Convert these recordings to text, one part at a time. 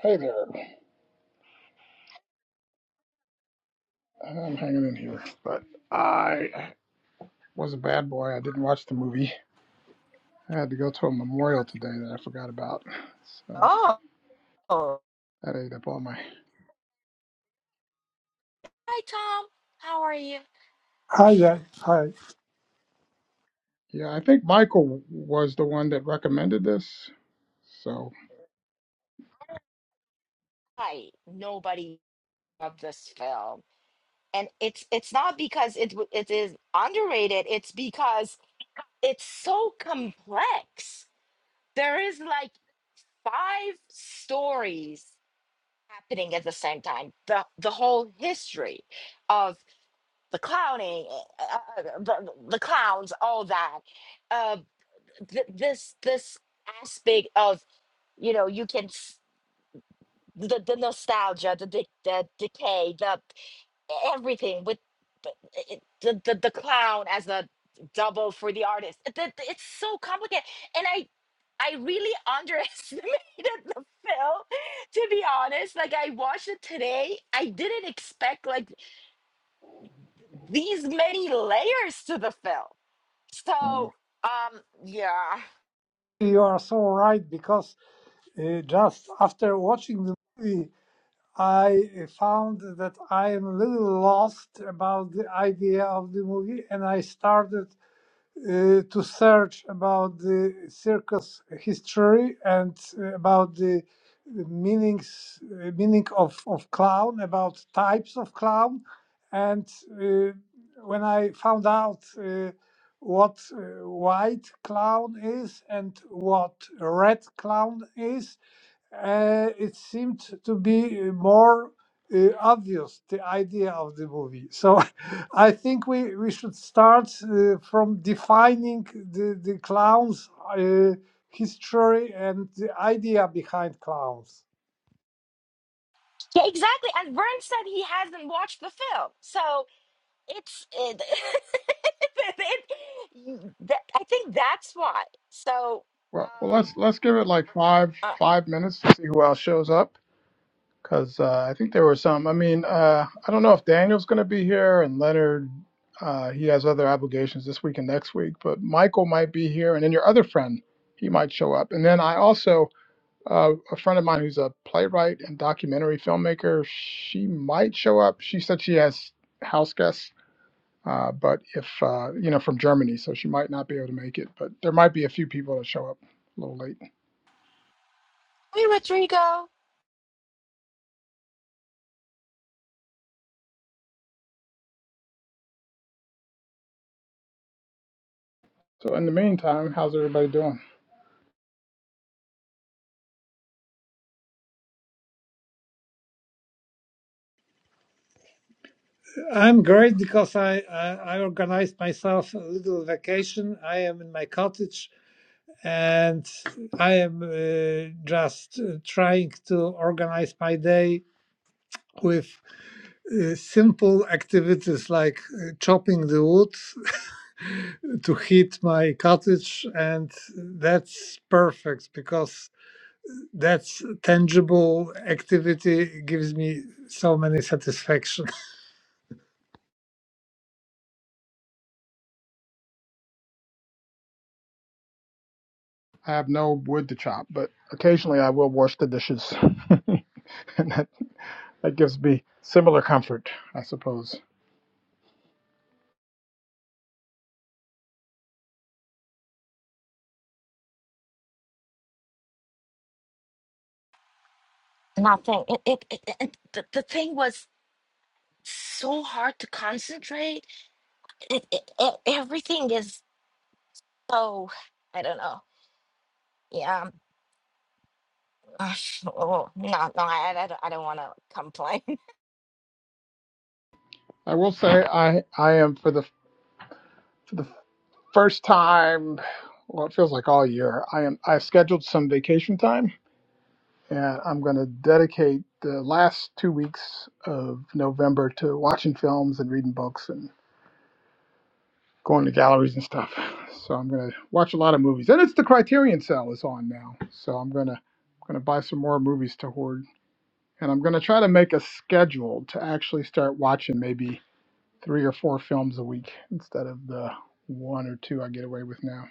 Hey there. Well, I'm hanging in here, but I was a bad boy. I didn't watch the movie. I had to go to a memorial today that I forgot about. So Oh. Hi, that ate up all my. Tom. How are you? Hi there. Hi. Yeah, I think Michael was the one that recommended this. So, Hi. Nobody loved this film. And it's it's not because it w- it is underrated. It's because it's so complex. There is like five stories happening at the same time. The the whole history of the clowning, uh, uh, uh, the, the clowns, all that. Uh, th- this this aspect of you know you can the, the nostalgia, the, de- the decay, the everything with the, it- the, the, the clown as a double for the artist. It- it- It's so complicated. And I I really underestimated the film, to be honest. Like I watched it today. I didn't expect like these many layers to the film. mm, So um yeah. You are so right because uh, just after watching the movie, I uh, found that I am a little lost about the idea of the movie, and I started uh, to search about the circus history and uh, about the meanings uh, meaning of, of clown about types of clown and uh, when i found out uh, what uh, white clown is and what red clown is uh, it seemed to be uh, more uh, obvious the idea of the movie. So I think we, we should start uh, from defining the, the clowns' uh, history and the idea behind clowns. Yeah, exactly. And Vern said he hasn't watched the film. So It's it, it- you- that, I think that's why. So, well, well um, let's let's give it like five uh, five minutes to see who else shows up, because uh, I think there were some. I mean, uh, I don't know if Daniel's going to be here and Leonard. Uh, he has other obligations this week and next week, but Michael might be here, and then your other friend, he might show up. And then I also, uh, a friend of mine who's a playwright and documentary filmmaker, she might show up. She said she has house guests, uh, but if uh, you know from Germany, so she might not be able to make it. But there might be a few people that show up a little late. hey Rodrigo. So in the meantime, how's everybody doing? I'm great because I, I, I organized myself a little vacation. I am in my cottage and I am uh, just uh, trying to organize my day with uh, simple activities like uh, chopping the wood to heat my cottage and that's perfect because that's tangible activity it gives me so many satisfaction I have no wood to chop, but occasionally I will wash the dishes. and that, that gives me similar comfort, I suppose. Nothing. It, it, it, it it- the, the thing was so hard to concentrate. It, it, it, everything is so I don't know. Yeah. um, oh, no, no, I, I, don't, I don't want to complain. I will say I I am for the for the first time, well, it feels like all year. I am I've scheduled some vacation time, and I'm going to dedicate the last two weeks of November to watching films and reading books and going to galleries and stuff. So I'm going to watch a lot of movies, and it's the Criterion Cell is on now. So I'm going to going to buy some more movies to hoard and I'm going to try to make a schedule to actually start watching maybe three or four films a week instead of the one or two I get away with now.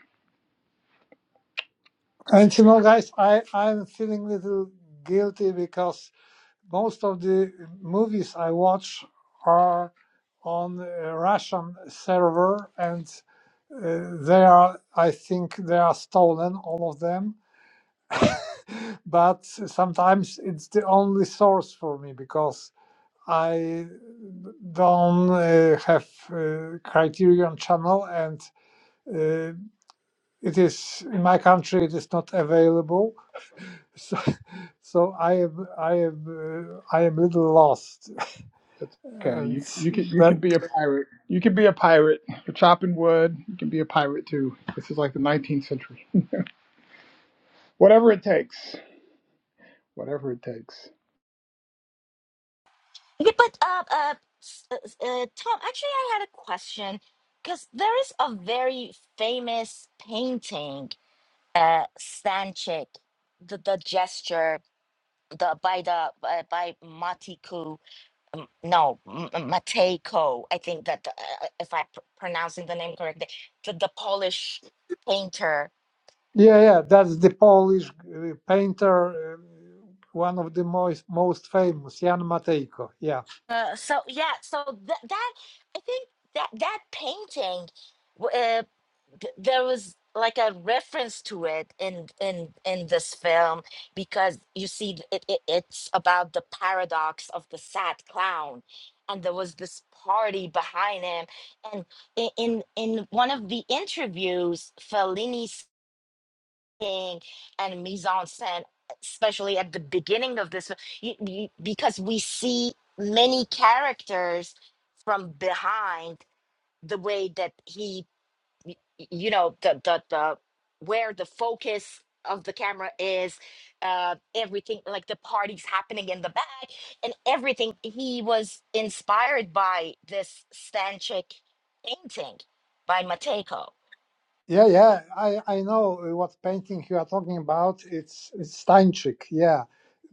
and you know guys i i'm feeling a little guilty because most of the movies I watch are on a Russian server, and uh, they are, I think, they are stolen, all of them. But sometimes it's the only source for me because I don't uh, have uh, Criterion channel, and uh, it is in my country it is not available. So, so I am I am uh, I am little lost, That's okay. and You you can you that can be a pirate. You can be a pirate. You're chopping wood. You can be a pirate too. This is like the 19th century. Whatever it takes. Whatever it takes. Yeah, but uh, uh, s- uh, s- uh, Tom, actually, I had a question because there is a very famous painting. uh, Stanchik, the, the gesture the by the by, by Matiku, um, no M- M- Matejko. I think that uh, if I'm pr- pronouncing the name correctly, the, the Polish painter Yeah, yeah, that's the Polish uh, painter, uh, one of the most most famous, Jan Matejko. Yeah, Uh, so yeah, so th- that I think that that painting, w- uh, th- there was like a reference to it in in in this film because you see th- it, it it's about the paradox of the sad clown, and there was this party behind him, and i- in in one of the interviews, Fellini and mise en scène, especially at the beginning of this, you, you, because we see many characters from behind the way that he, y- y- you know, the the the where the focus of the camera is, uh, everything like the parties happening in the back and everything. He was inspired by this Stanchik painting by Mateko yeah, yeah. I I know uh, what painting you are talking about. It's it's Stańczyk. Yeah,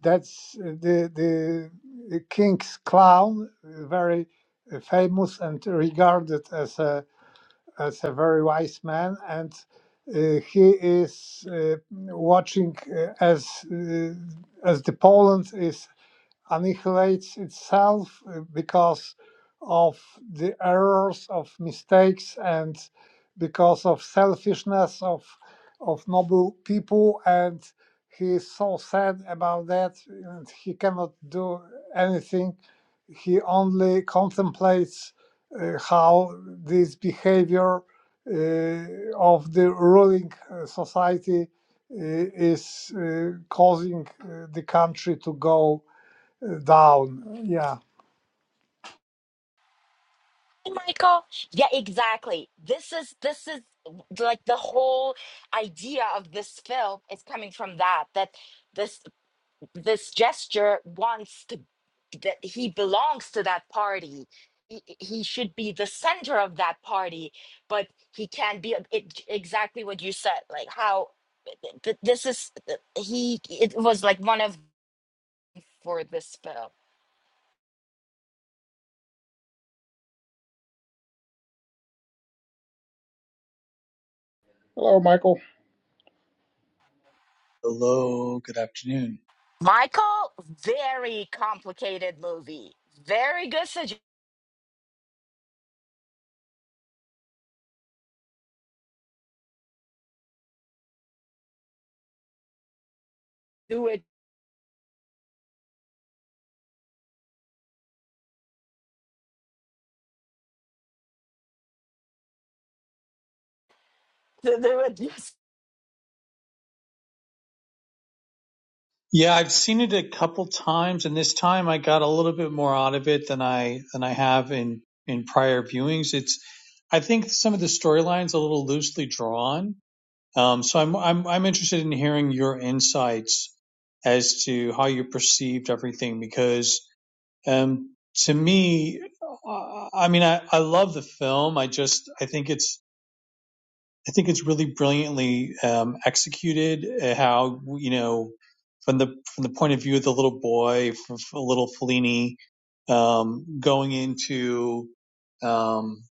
that's uh, the the the king's clown, uh, very uh, famous and regarded as a as a very wise man, and uh, he is uh, watching uh, as uh, as the Poland is. annihilates itself uh, because of the errors of mistakes and because of selfishness of of noble people and he is so sad about that and he cannot do anything he only contemplates uh, how this behavior uh, of the ruling uh, society uh, is uh, causing uh, the country to go down. Yeah. Michael. Yeah, exactly. This is this is like the whole idea of this film is coming from that that this this gesture wants to that he belongs to that party. He, he should be the center of that party, but he can't be. It, exactly what you said, like how th- this is. He it was like one of for this film. Hello, Michael. Hello, good afternoon. Michael, very complicated movie. Very good suggestion. Do it Th- there yes, Yeah, I've seen it a couple times, and this time I got a little bit more out of it than I than I have in in prior viewings. It's I think some of the storylines a little loosely drawn. Um, so I'm I'm I'm interested in hearing your insights as to how you perceived everything because um, to me, uh, I mean I I love the film. I just I think it's I think it's really brilliantly um, executed. uh, How you know from the from the point of view of the little boy, f f- little Fellini, um, going into um,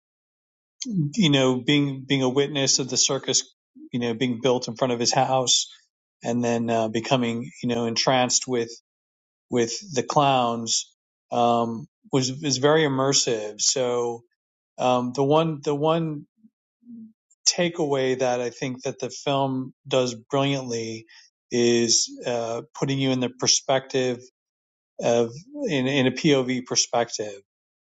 you know being being a witness of the circus, you know being built in front of his house, and then uh, becoming you know entranced with with the clowns um, was is very immersive. So um, the one the one takeaway that I think that the film does brilliantly is uh, putting you in the perspective of in, in a POV perspective.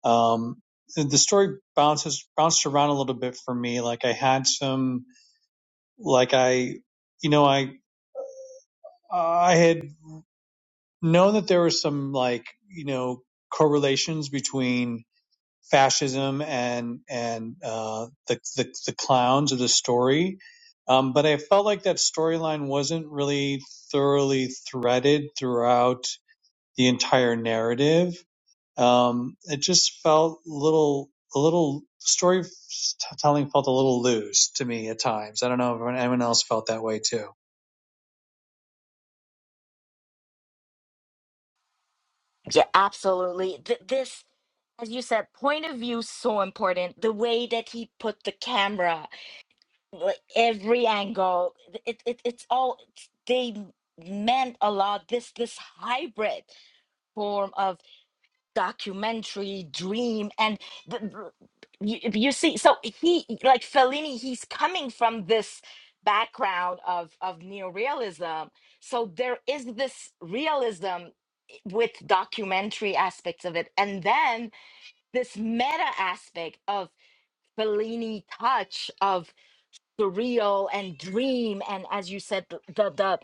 Um, the story bounces bounced around a little bit for me. Like I had some like I you know I I had known that there were some like you know correlations between fascism and and uh, the, the the clowns of the story. Um, but I felt like that storyline wasn't really thoroughly threaded throughout the entire narrative. Um, it just felt a little a little storytelling felt a little loose to me at times. I don't know if anyone else felt that way too. yeah, absolutely. Th- this, as you said, point of view so important. The way that he put the camera, like every angle, it, it it's all it's, they meant a lot. This this hybrid form documentary dream and the, you, you see so he like Fellini he's coming from this background of of neorealism so there is this realism with documentary aspects of it and then this meta aspect of Fellini touch of surreal and dream and as you said the the the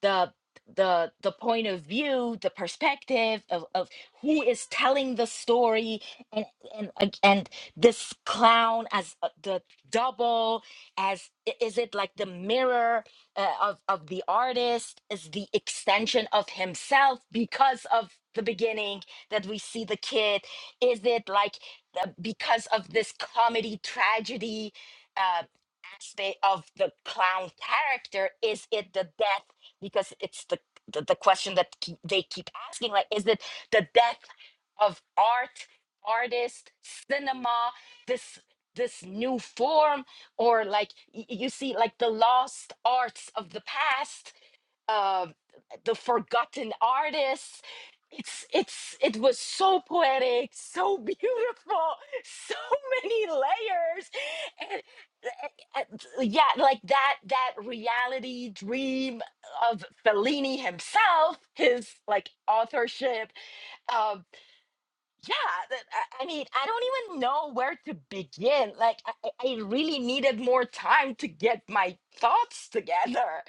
the the, the point of view the perspective of, of who is telling the story and and and and this clown as uh, the double as i- is it like the mirror uh, of of the artist is the extension of himself because of the beginning that we see the kid is it like uh, because of this comedy tragedy uh, aspect of the clown character is it the death because it's the the, the question that keep, they keep asking like is it the death of art artist cinema this this new form or like y- you see like the lost arts of the past uh the forgotten artists it's it's it was so poetic so beautiful so many layers uh, yeah, like that that reality dream of Fellini himself, his like authorship. Um, yeah, that, I, I mean, I don't even know where to begin. Like, I, I I really needed more time to get my thoughts together.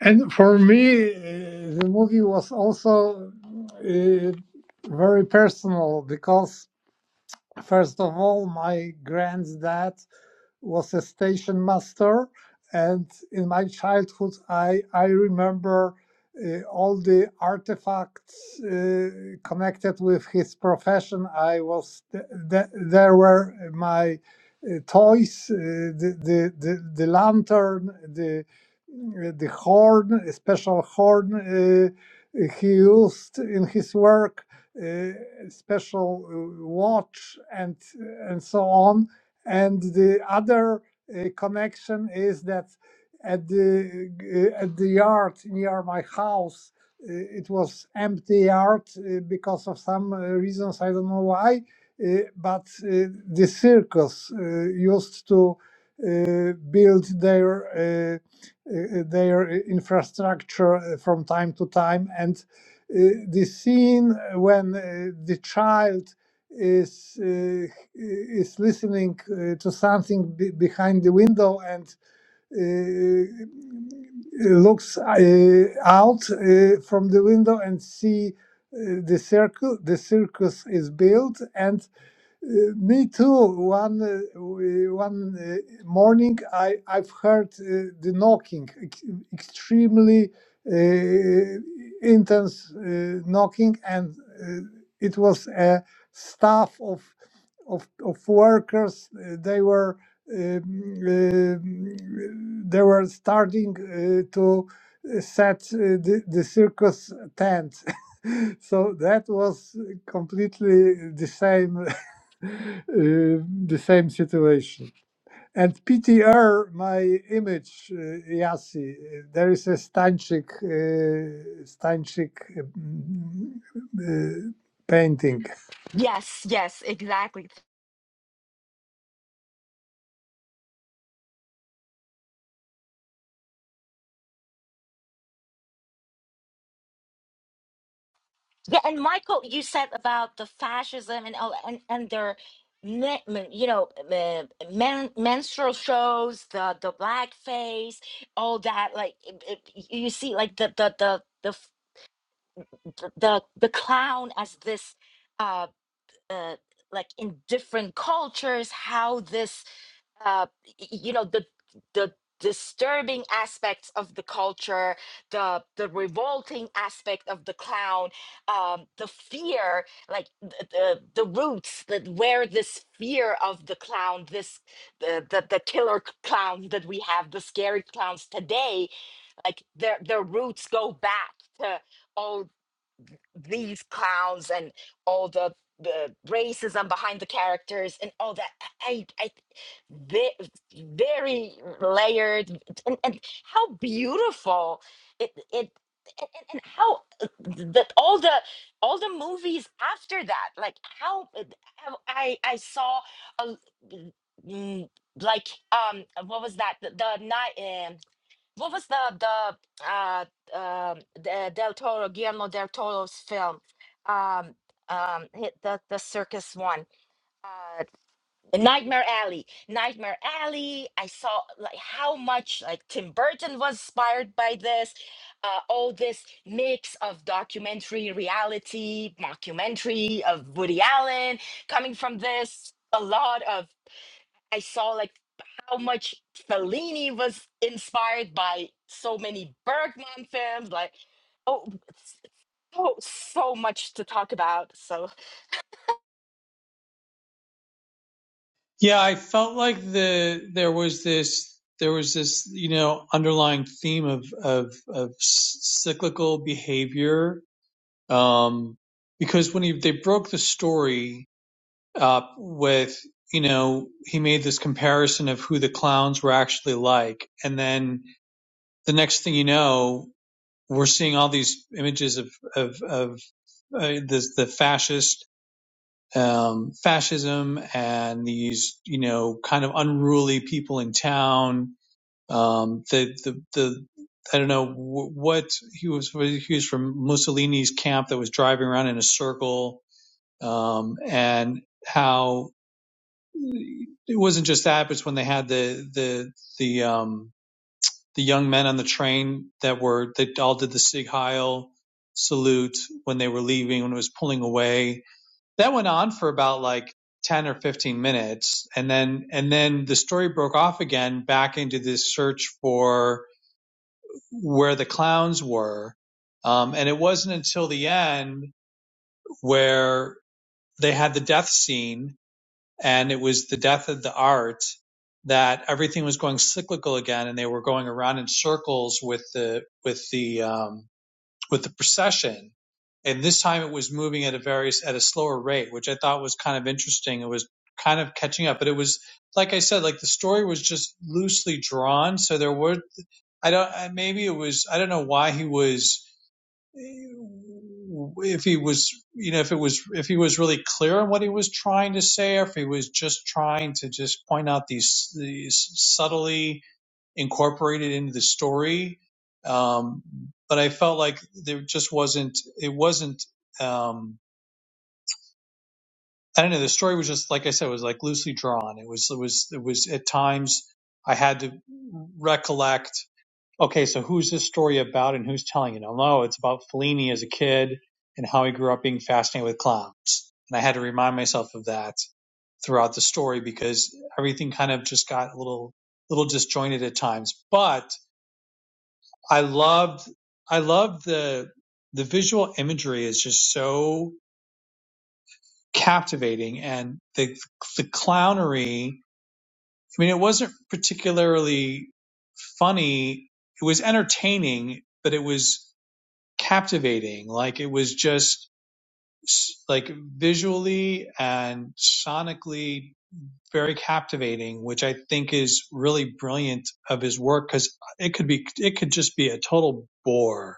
And for me, uh, the movie was also uh, very personal because, first of all, my granddad. was a station master, and in my childhood, I I remember uh, all the artifacts uh, connected with his profession. I was th- th- there were my uh, toys, uh, the, the the the lantern, the the horn, a special horn uh, he used in his work, uh, special uh, watch, and and so on and the other uh, connection is that at the uh, at the yard near my house uh, it was empty yard uh, because of some uh, reasons i don't know why uh, but uh, the circus uh, used to uh, build their uh, uh, their infrastructure uh, from time to time and uh, the scene when uh, the child is uh, is listening uh, to something be- behind the window and uh, uh, looks uh, out uh, from the window and see uh, the circle the circus is built and uh, me too. One uh, w- uh, one uh, morning, I I've heard uh, the knocking, ex- extremely uh, intense uh, knocking, and uh, it was a staff of of of workers. Uh, they were um, um, they were starting uh, to set uh, the, the circus tent so that was completely the same uh, the same situation. And PTR, my image, uh, Yassi, uh, there is a Stanchik, uh, Stanchik uh, mm, uh, painting. Yes, yes, exactly. Yeah, and Michael, you said about the fascism and all, and and their, men, men- you know, men, men- menstrual shows, the the blackface, all that. Like it, it- you see, like the the the the f- the the the clown as this, uh, uh, like in different cultures, how this uh, y- you know the the disturbing aspects of the culture the the revolting aspect of the clown um the fear like the the, the roots that where this fear of the clown this the, the the killer c- clowns that we have the scary clowns today like their their roots go back to these clowns and all the the racism behind the characters and all that i i ve- very layered and, and how beautiful it it and, and and how uh, that all the all the movies after that like how uh, how i i saw a l- mm, like um what was that the, the night what was the the uh um the uh, Del Toro Guillermo del Toro's film? Um, um, hit the the circus one. Uh, Nightmare Alley. Nightmare Alley. I saw like how much like Tim Burton was inspired by this. Uh, all this mix of documentary, reality, mockumentary of Woody Allen coming from this. A lot of I saw like how much Fellini was inspired by so many Bergman films. Like, oh, so so much to talk about. So, Yeah, I felt like the there was this there was this you know underlying theme of of of cyclical behavior um, because when he, they broke the story up with you know he made this comparison of who the clowns were actually like and then the next thing you know we're seeing all these images of of of uh, this the fascist um, fascism and these, you know, kind of unruly people in town. Um, the, the, the, I don't know what he was, he was from Mussolini's camp that was driving around in a circle. Um, and how it wasn't just that, but it's when they had the, the, the, um, the young men on the train that were, that all did the Sig Heil salute when they were leaving, when it was pulling away that went on for about like 10 or 15 minutes and then and then the story broke off again back into this search for where the clowns were um, and it wasn't until the end where they had the death scene and it was the death of the art that everything was going cyclical again and they were going around in circles with the with the um, with the procession, and this time it was moving at a various at a slower rate, which I thought was kind of interesting. It was kind of catching up, but it was like I said, like the story was just loosely drawn, so there were I don't maybe it was I don't know why he was if he was you know if it was if he was really clear on what he was trying to say or if he was just trying to just point out these these subtly incorporated into the story. Um, but I felt like there just wasn't, it wasn't, um, I don't know. The story was just, like I said, it was like loosely drawn. It was, it was, it was at times I had to recollect, okay, so who's this story about and who's telling it? Oh no, it's about Fellini as a kid and how he grew up being fascinated with clowns. And I had to remind myself of that throughout the story because everything kind of just got a little, little disjointed at times. But I loved I loved the the visual imagery is just so captivating and the the clownery I mean it wasn't particularly funny it was entertaining but it was captivating like it was just s- like visually and sonically very captivating which I think is really brilliant of his work cuz it could be it could just be a total bore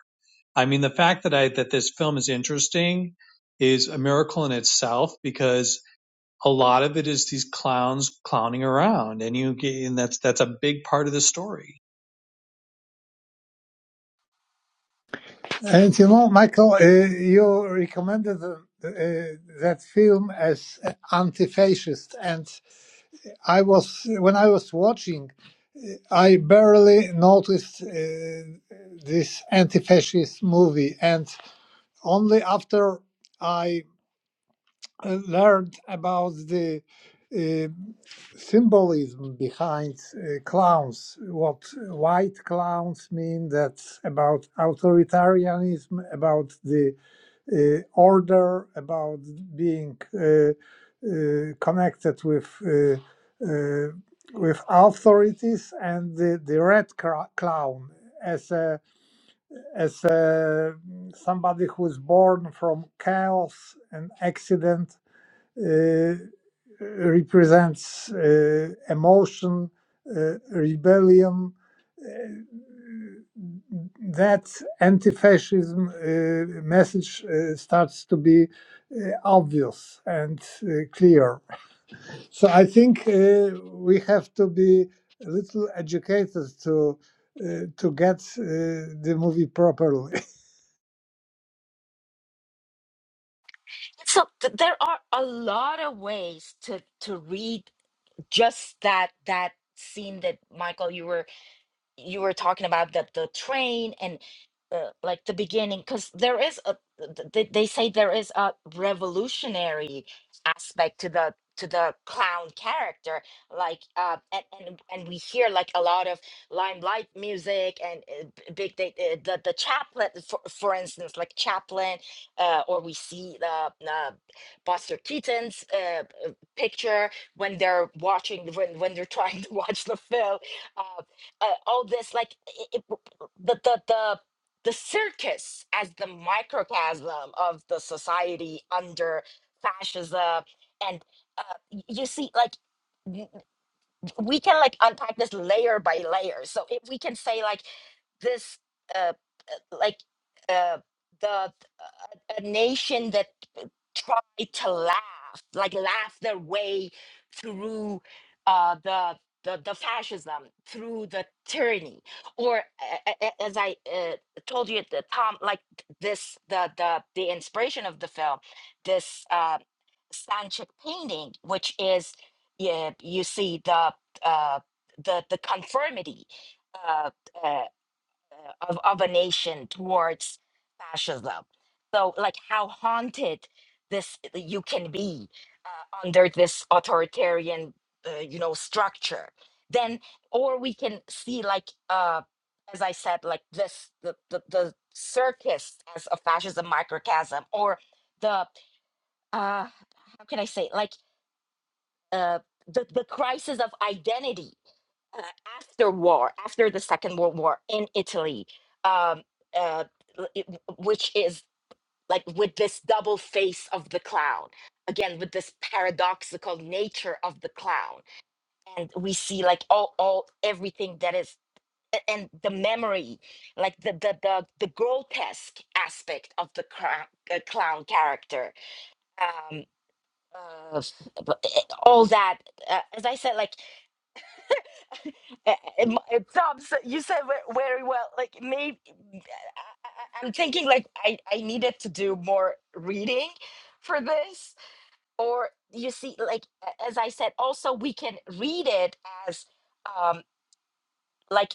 I mean, the fact that I that this film is interesting is a miracle in itself because a lot of it is these clowns clowning around, and you get, and that's that's a big part of the story. And you know, Michael, uh, you recommended uh, uh, that film as anti-fascist, and I was when I was watching, I barely noticed uh, this anti-fascist movie, and only after. I. uh, learned about the uh, symbolism behind uh, clowns. What white clowns mean, that's about authoritarianism, about the uh, order, about being uh, uh, connected with. Uh, uh, with authorities and the, the red cra- clown as a as a, somebody who's born from chaos and accident uh, represents uh, emotion, uh, rebellion. Uh, that anti-fascism uh, message uh, starts to be uh, obvious and uh, clear. So I think uh, we have to be a little educated to uh, to get uh, the movie properly. so th- there are a lot of ways to to read just that that scene that Michael you were you were talking about that the train and uh, like the beginning because there is a th- th- they say there is a revolutionary aspect to the to the clown character like uh and and, and we hear like a lot of limelight music and uh, b- big they, uh, the the chaplain for, for instance like Chaplin uh or we see the uh, buster keaton's uh uh, picture when they're watching when when they're trying to watch the film uh, uh, all this like i- i- the the the the circus as the microcosm of the society under fascism and uh, y- you see like w- w- we can like unpack this layer by layer so if we can say like this uh like uh the uh, a, a nation that try to laugh, like laugh their way through uh, the, the the fascism, through the tyranny, or a- a- a- as I uh, told you at the time, like this the the the inspiration of the film, this uh, Stanchik painting, which is yeah, you see the uh, the the conformity. Uh, uh, uh, of, of a nation towards fascism. So, like, how haunted this uh, you can be uh, under this authoritarian, uh, you know, structure. Then, or we can see, like, uh, as I said, like this the the, the circus as a fascism microcosm, or the uh, how can I say, like, uh, the the crisis of identity uh, after war, after the Second World War in Italy, um, uh, l- it- which is like with this double face of the clown, again with this paradoxical nature of the clown, and we see like all, all everything that is a- and the memory like the the the, the grotesque aspect of the clown, uh, clown character um uh, but, eh, all that uh, as i said like Uh, uh, uh, Tom, so you said ve- very well. Like maybe I, I- I'm thinking like I I needed to do more reading for this, or you see, like a- as I said, also we can read it as um like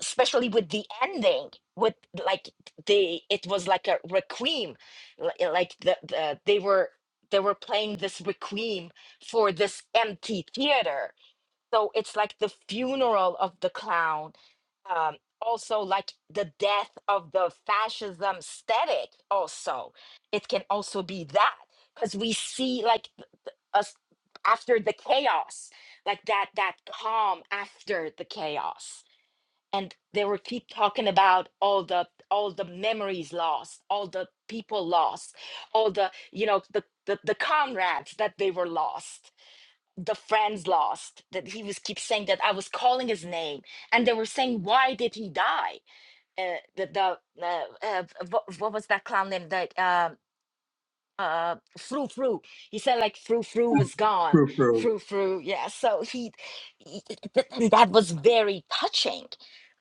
especially with the ending with like they it was like a requiem li- eh, like the, the they were they were playing this requiem for this empty theater so it's like the funeral of the clown um also like the death of the fascism aesthetic. also it can also be that because we see like us after the chaos like that that calm after the chaos and they were keep talking about all the all the memories lost all the people lost all the you know the the, the comrades that they were lost the friends lost that he was keep saying that i was calling his name and they were saying why did he die uh, the the uh, uh, what, what was that clown name that um uh fru fru he said like fru fru was gone True, true. fru fru yeah so he, he- th- th- that was very touching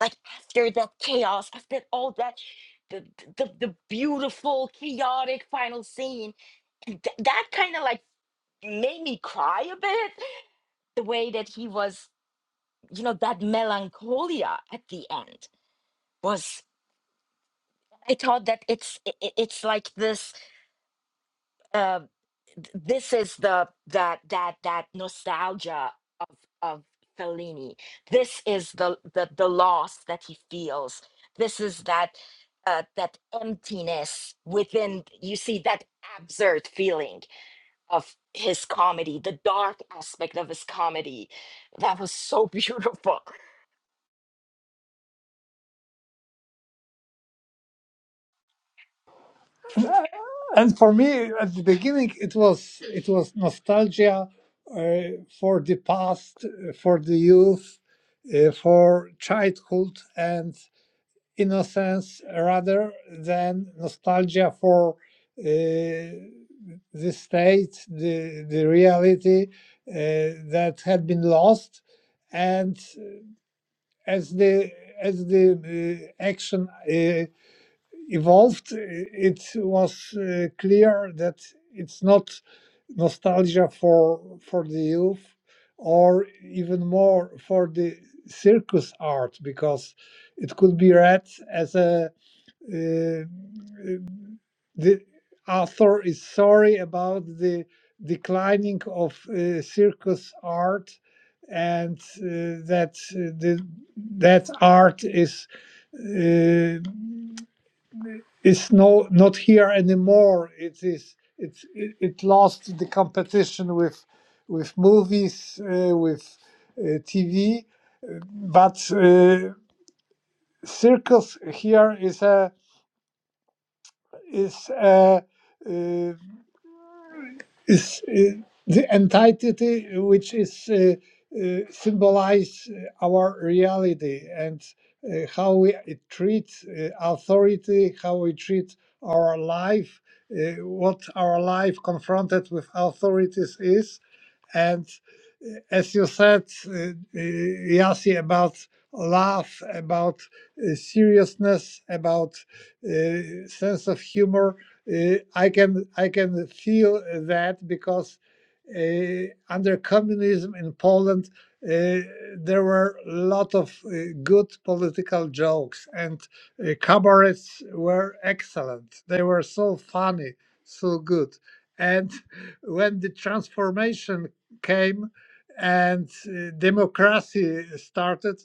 like after that chaos after all that the the, the beautiful chaotic final scene th- that kind of like made me cry a bit the way that he was you know that melancholia at the end was i thought that it's i i- it's like this uh th- this is the that that that nostalgia of of fellini this is the the, the loss that he feels this is that uh, that emptiness within you see that absurd feeling of his comedy the dark aspect of his comedy that was so beautiful and for me at the beginning it was it was nostalgia uh, for the past uh, for the youth uh, for childhood and innocence rather than nostalgia for uh, the state the the reality uh, that had been lost and as the as the uh, action uh, evolved, it was uh, clear that it's not nostalgia for for the youth, or even more for the circus art, because it could be read as a uh, the author is sorry about the declining of uh, circus art, and uh, that uh, the that art is. Uh, is no not here anymore. It is it's it, it lost the competition with with movies uh, with uh, TV, uh, but uh, circus here is a is a, uh, is uh, the entity which is uh, uh, symbolize uh, our reality and uh, how we treat uh, authority, how we treat our life, uh, what our life confronted with authorities is. And uh, as you said, uh, Yasi, about laugh, about uh, seriousness, about uh, sense of humor, uh, I can I can feel that because uh, under communism in Poland, uh, there were a lot of uh, good political jokes, and uh, cabarets were excellent. They were so funny, so good. And when the transformation came and uh, democracy started,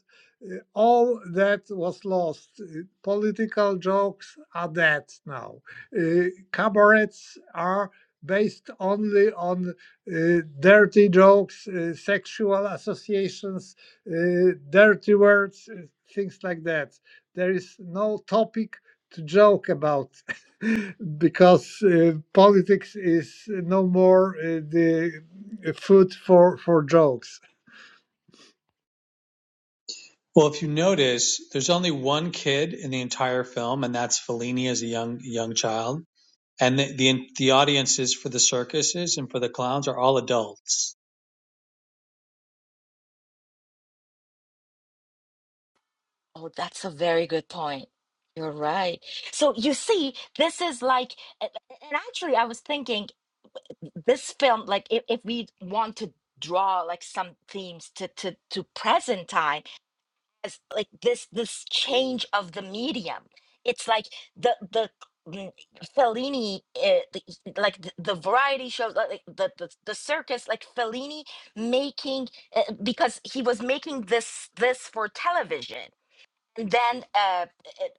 uh, all that was lost. Uh, Political jokes are dead now. Uh, Cabarets are based only on uh, dirty jokes, uh, sexual associations, uh, dirty words, uh, things like that. There is no topic to joke about because uh, politics is no more uh, the uh, food for, for jokes. Well, if you notice, there's only one kid in the entire film, and that's Fellini as a young young child. And the, the the audiences for the circuses and for the clowns are all adults. Oh, that's a very good point. You're right. So you see, this is like, a- a- and actually, I was thinking this film, like, if, if we want to draw like some themes to to to present time, as like this this change of the medium, it's like the the mm, Fellini, uh, the, like the, the variety shows, like like, the, the the circus, like Fellini making uh, because he was making this this for television and then uh, it,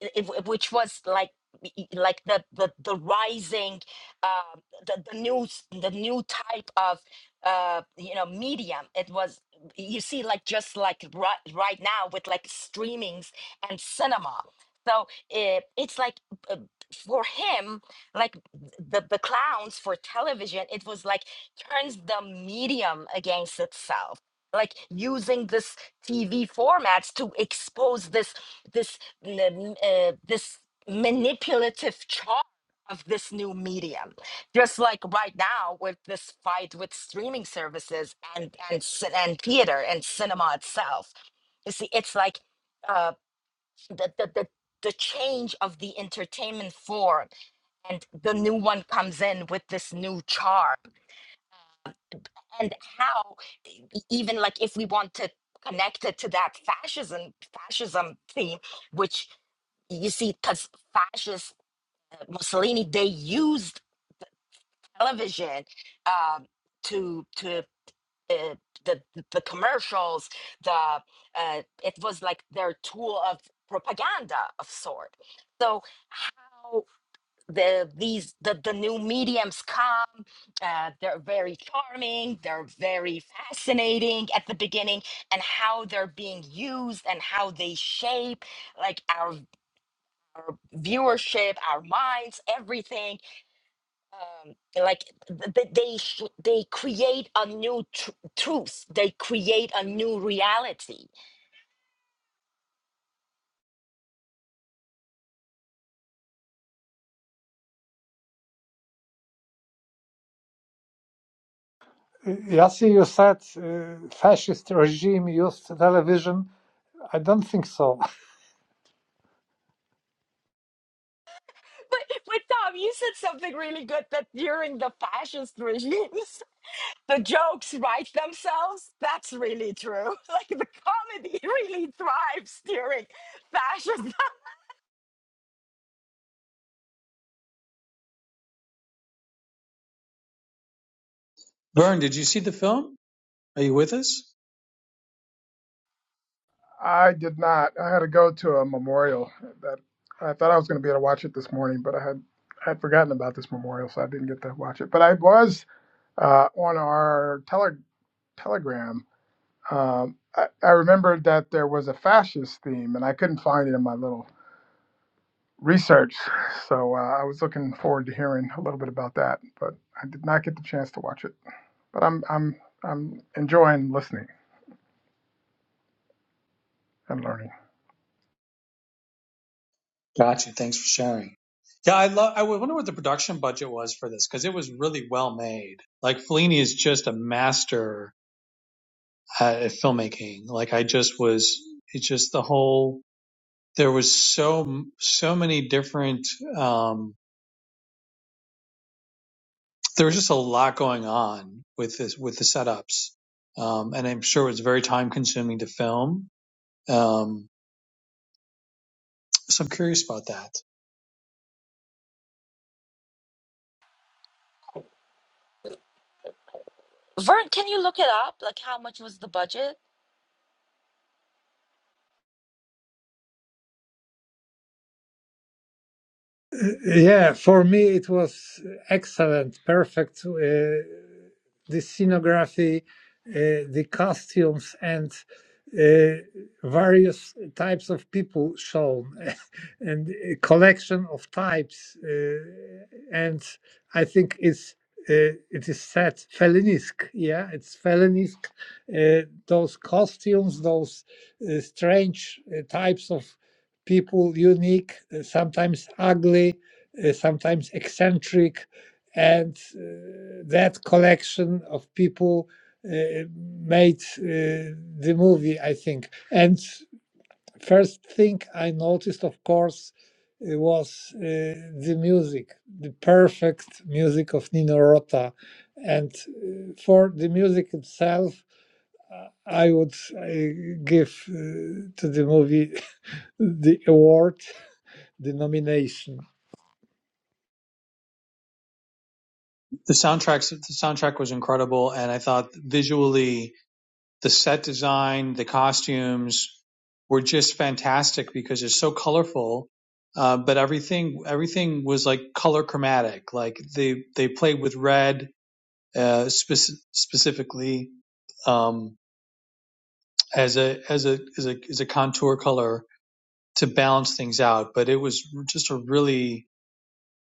it, it- it- which was like y- like the the, the rising uh, the, the news the new type of uh, you know medium it was you see like just like right, right now with like streamings and cinema so it, it's like uh, for him like the, the clowns for television it was like turns the medium against itself like using this TV formats to expose this this n- uh, this manipulative charm of this new medium. Just like right now with this fight with streaming services and and ci- and theater and cinema itself. You see, it's like uh, the the the the change of the entertainment form and the new one comes in with this new charm and how e- e- even like if we want to connect it to that fascism fascism theme which you see because fascist uh, mussolini they used television um to to uh, the the commercials the uh, it was like their tool of propaganda of sort so how the these the, the new mediums come uh, they're very charming they're very fascinating at the beginning and how they're being used and how they shape like our, our viewership our minds everything um, like th- th- they sh- they create a new tr- truth they create a new reality Yassi, you said uh, fascist regime used television. I don't think so. but, but tom you said something really good that during the fascist regimes the jokes write themselves. That's really true. Like the comedy really thrives during fashion. Vern, did you see the film? Are you with us? I did not. I had to go to a memorial that I thought I was going to be able to watch it this morning, but I had I had forgotten about this memorial, so I didn't get to watch it. But I was uh, on our tele- telegram. Um, I, I remembered that there was a fascist theme, and I couldn't find it in my little research. So uh, I was looking forward to hearing a little bit about that, but I did not get the chance to watch it. But I'm I'm I'm enjoying listening and learning. Gotcha. Thanks for sharing. Yeah, I love. I wonder what the production budget was for this because it was really well made. Like Fellini is just a master at filmmaking. Like I just was. It's just the whole. There was so so many different. Um, there was just a lot going on with this with the setups, um, and I'm sure it was very time consuming to film. Um, so I'm curious about that. Vern, can you look it up? Like, how much was the budget? Yeah, for me it was excellent, perfect. Uh, the scenography, uh, the costumes, and uh, various types of people shown, and a collection of types. Uh, and I think it's uh, it is said Felinisk. Yeah, it's Felinisk. Uh, those costumes, those uh, strange uh, types of people unique, uh, sometimes ugly, uh, sometimes eccentric, and uh, that collection of people uh, made uh, the movie, I think. And first thing I noticed, of course, uh, was uh, the music, the perfect music of Nino Rota. And uh, for the music itself, I would uh, give uh, to the movie the award the nomination. The soundtracks. The soundtrack was incredible, and I thought visually the set design, the costumes were just fantastic because it's so colorful. Uh, but everything everything was like color chromatic. Like they they played with red uh, spec- specifically um, as a as a as a as a contour color to balance things out. But it was just a really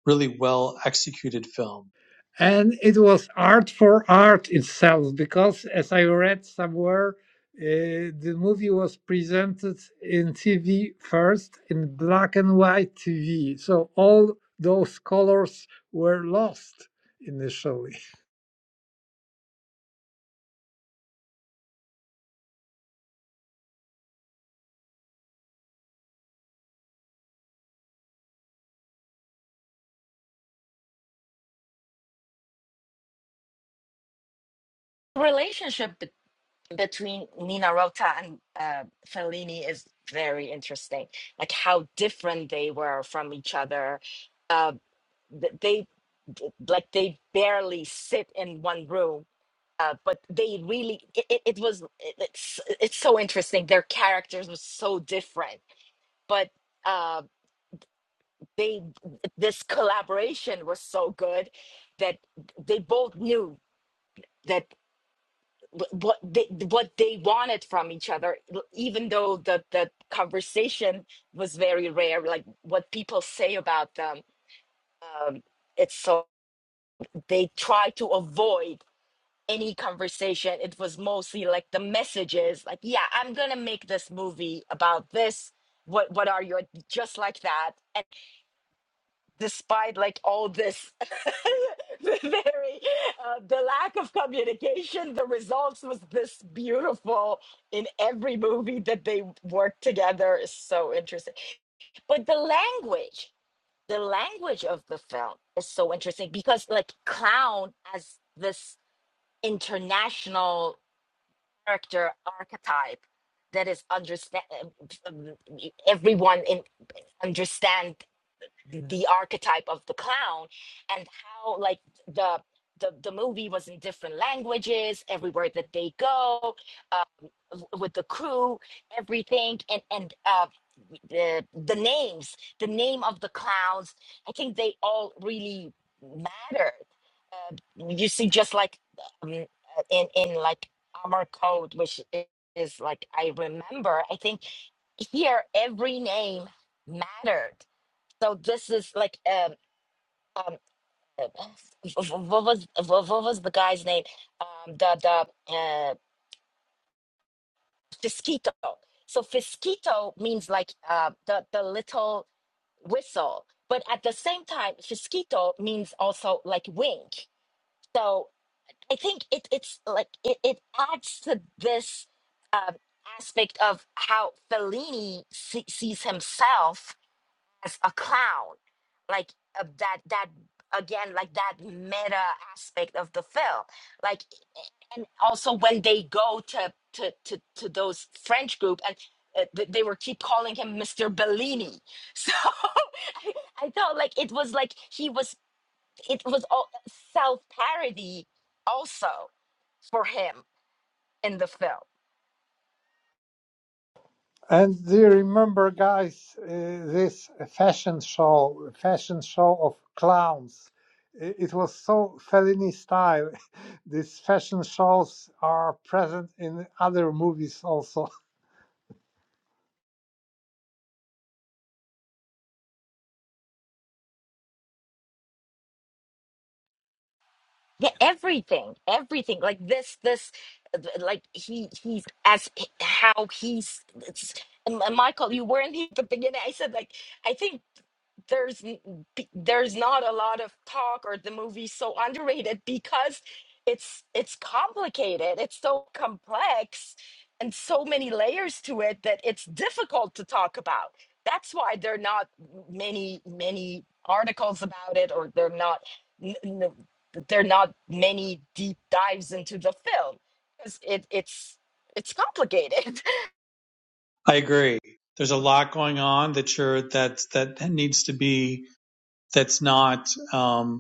really well executed film. And it was art for art itself, because as I read somewhere, uh, the movie was presented in TV first in black and white TV. So all those colors were lost initially Relationship be- between Nina Rota and uh, Fellini is very interesting. Like, how different they were from each other. Uh, th- they d- like they barely sit in one room uh, but they really it, it it was it- it's it's so interesting their characters were so different but uh they this collaboration was so good that they both knew that wh- what they what they wanted from each other even though the the conversation was very rare like what people say about them um it's so they try to avoid any conversation, it was mostly like the messages, like, yeah, I'm gonna make this movie about this. What what are your just like that? And despite like all this the very uh, the lack of communication, the results was this beautiful in every movie that they worked together is so interesting. But the language, the language of the film is so interesting because like clown as this international character archetype that is understand everyone in understand the, the archetype of the clown and how like the the, the movie was in different languages everywhere that they go uh, w- with the crew everything and and uh, the the names the name of the clowns i think they all really mattered uh, you see just like um, uh, in in like armor code which i- is like i remember i think here every name mattered so this is like um um uh, what was what was the guy's name um the the uh fisquito so fisquito means like uh the the little whistle but at the same time fisquito means also like wink so i think it it's like it, it adds to this um aspect of how fellini see, sees himself as a clown like uh, that that again like that meta aspect of the film like and also when they go to to to, to those french group and uh, th- they were keep calling him mr bellini so I, I thought like it was like he was it was all self-parody also for him in the film And do you remember, guys, uh, this fashion show, fashion show of clowns? I- It was so Fellini style. These fashion shows are present in other movies also. Yeah, everything, everything like this, this, like he, he's as how he's. It's, and Michael, you weren't here at the beginning. I said like I think there's n- b- there's not a lot of talk or the movie's so underrated because it's it's complicated. It's so complex and so many layers to it that it's difficult to talk about. That's why there are not many many articles about it or they're not that there are not many deep dives into the film because it, it's it's complicated. I agree. There's a lot going on that you're that that needs to be that's not. Um,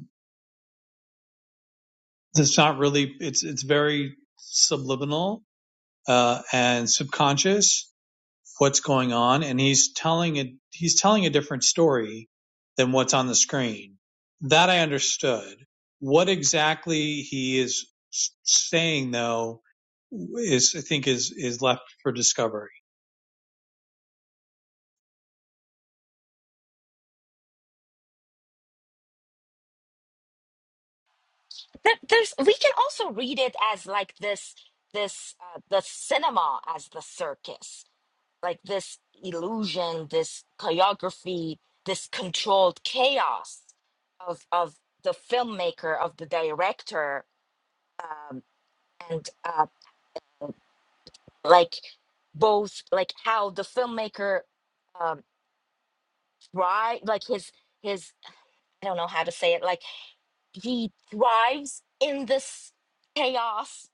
It's not really. It's it's very subliminal uh, and subconscious what's going on, and he's telling it. He's telling a different story than what's on the screen. That I understood. What exactly he is saying, though, is I think is is left for discovery. That There's we can also read it as like this this uh, the cinema as the circus, like this illusion, this choreography, this controlled chaos of of the filmmaker of the director um, and uh, like both like how the filmmaker um, try like his his I don't know how to say it like he thrives in this chaos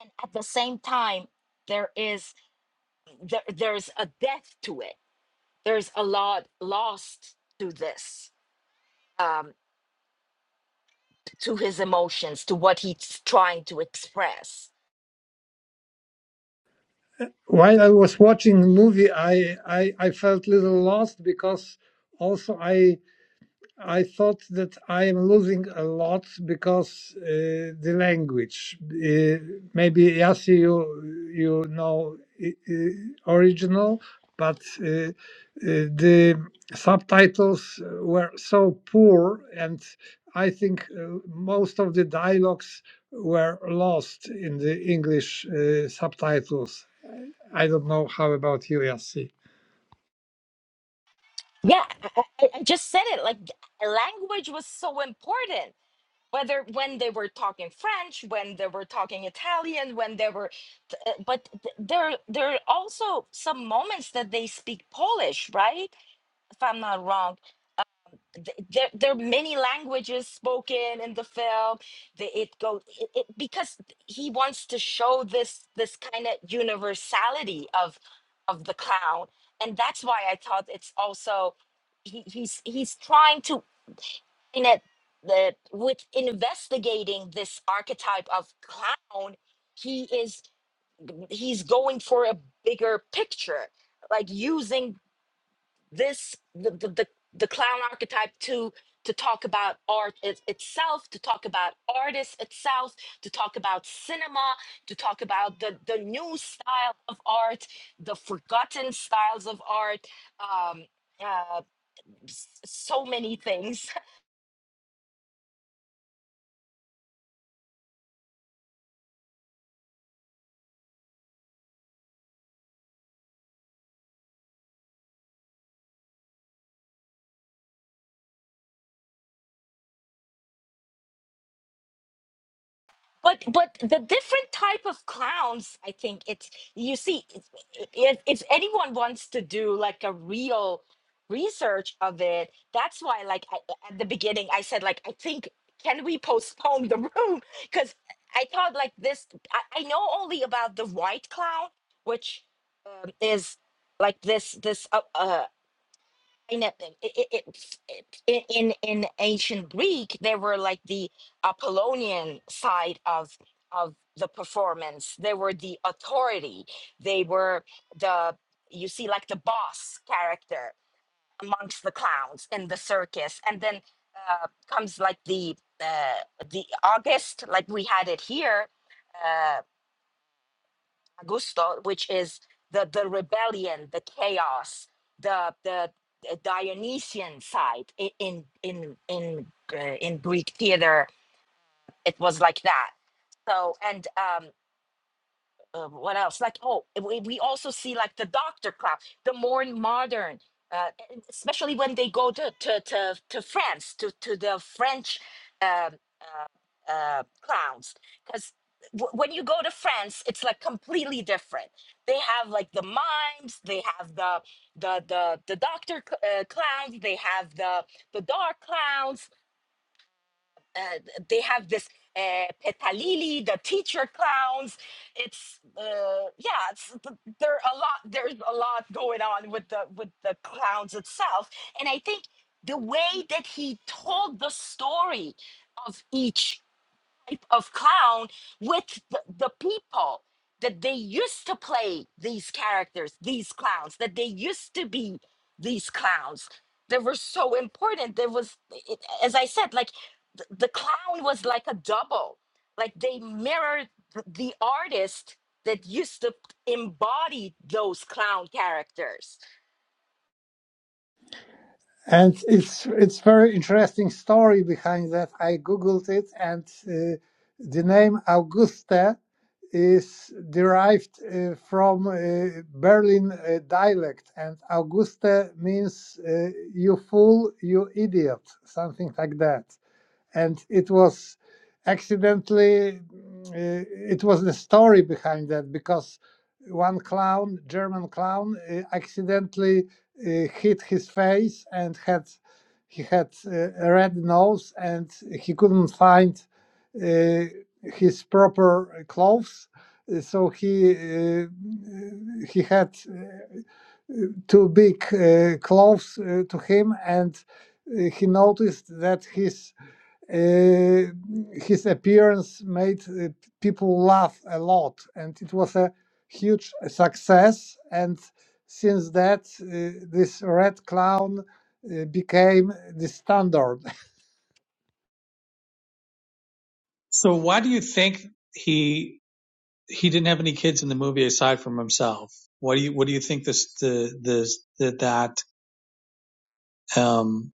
and at the same time there is there, there's a death to it there's a lot lost to this um to his emotions to what he's trying to express While I was watching the movie, I, I, I felt a little lost because also I I thought that I am losing a lot because uh, the language. Uh, maybe Yasi, you you know i- original, but uh, uh, the subtitles were so poor, and I think uh, most of the dialogues were lost in the English uh, subtitles. I don't know how about you, Yasi. yeah i, I just said it like language was so important whether when they were talking french when they were talking italian when they were t- uh, but th- there there are also some moments that they speak polish right if I'm not wrong, th- there there are many languages spoken in the film. The- It go it, it because he wants to show this this kind of universality of of the clown, and that's why I thought it's also he, he's he's trying to in it the with investigating this archetype of clown. He is he's going for a bigger picture, like using this the the, the, the clown archetype to to talk about art it, itself to talk about artists itself to talk about cinema to talk about the the new style of art the forgotten styles of art um uh, s- so many things but but the different type of clowns i think it's you see if, if anyone wants to do like a real research of it that's why like I, at the beginning i said like i think can we postpone the room because i thought like this I, I know only about the white clown which um, is like this this uh, uh, in a- i- i- i- i- in in ancient Greek, there were like the Apollonian side of of the performance. They were the authority. They were the you see like the boss character amongst the clowns in the circus, and then uh, comes like the uh, the August, like we had it here. uh, gusto, which is the the rebellion, the chaos, the the Dionysian side i- in in in uh, in Greek theater. It was like that. So and um, um, what else? Like, oh, we, we also see like the doctor club, the more modern, uh, and especially when they go to to to, to France, to to the French um, uh, uh, clowns, because w- when you go to France, it's like completely different. They have like the mimes, they have the the the the doctor cl- uh, clowns, they have the the dark clowns, uh, they have this uh, Petalili, the teacher clowns. It's uh, yeah, it's th- there are a lot. There's a lot going on with the with the clowns itself, and I think the way that he told the story of each type of clown with the, the people that they used to play these characters, these clowns, that they used to be these clowns that were so important. There was, it, as I said, like th- the clown was like a double, like they mirrored th- the artist that used to embody those clown characters. and it's it's very interesting story behind that. I googled it, and uh, the name Augusta is derived uh, from uh, Berlin uh, dialect, and Augusta means uh, you fool, you idiot, something like that and it was accidentally mm, uh, it was the story behind that because one clown german clown uh, accidentally uh, hit his face and had he had uh, a red nose and he couldn't find uh, his proper clothes Uh, so he uh, he had uh, two big uh, clothes uh, to him and uh, he noticed that his uh, his appearance made uh, people laugh a lot, and it was a huge success. And since that, uh, this red clown uh, became the standard. So why do you think he he didn't have any kids in the movie aside from himself? What do you what do you think this the the that that um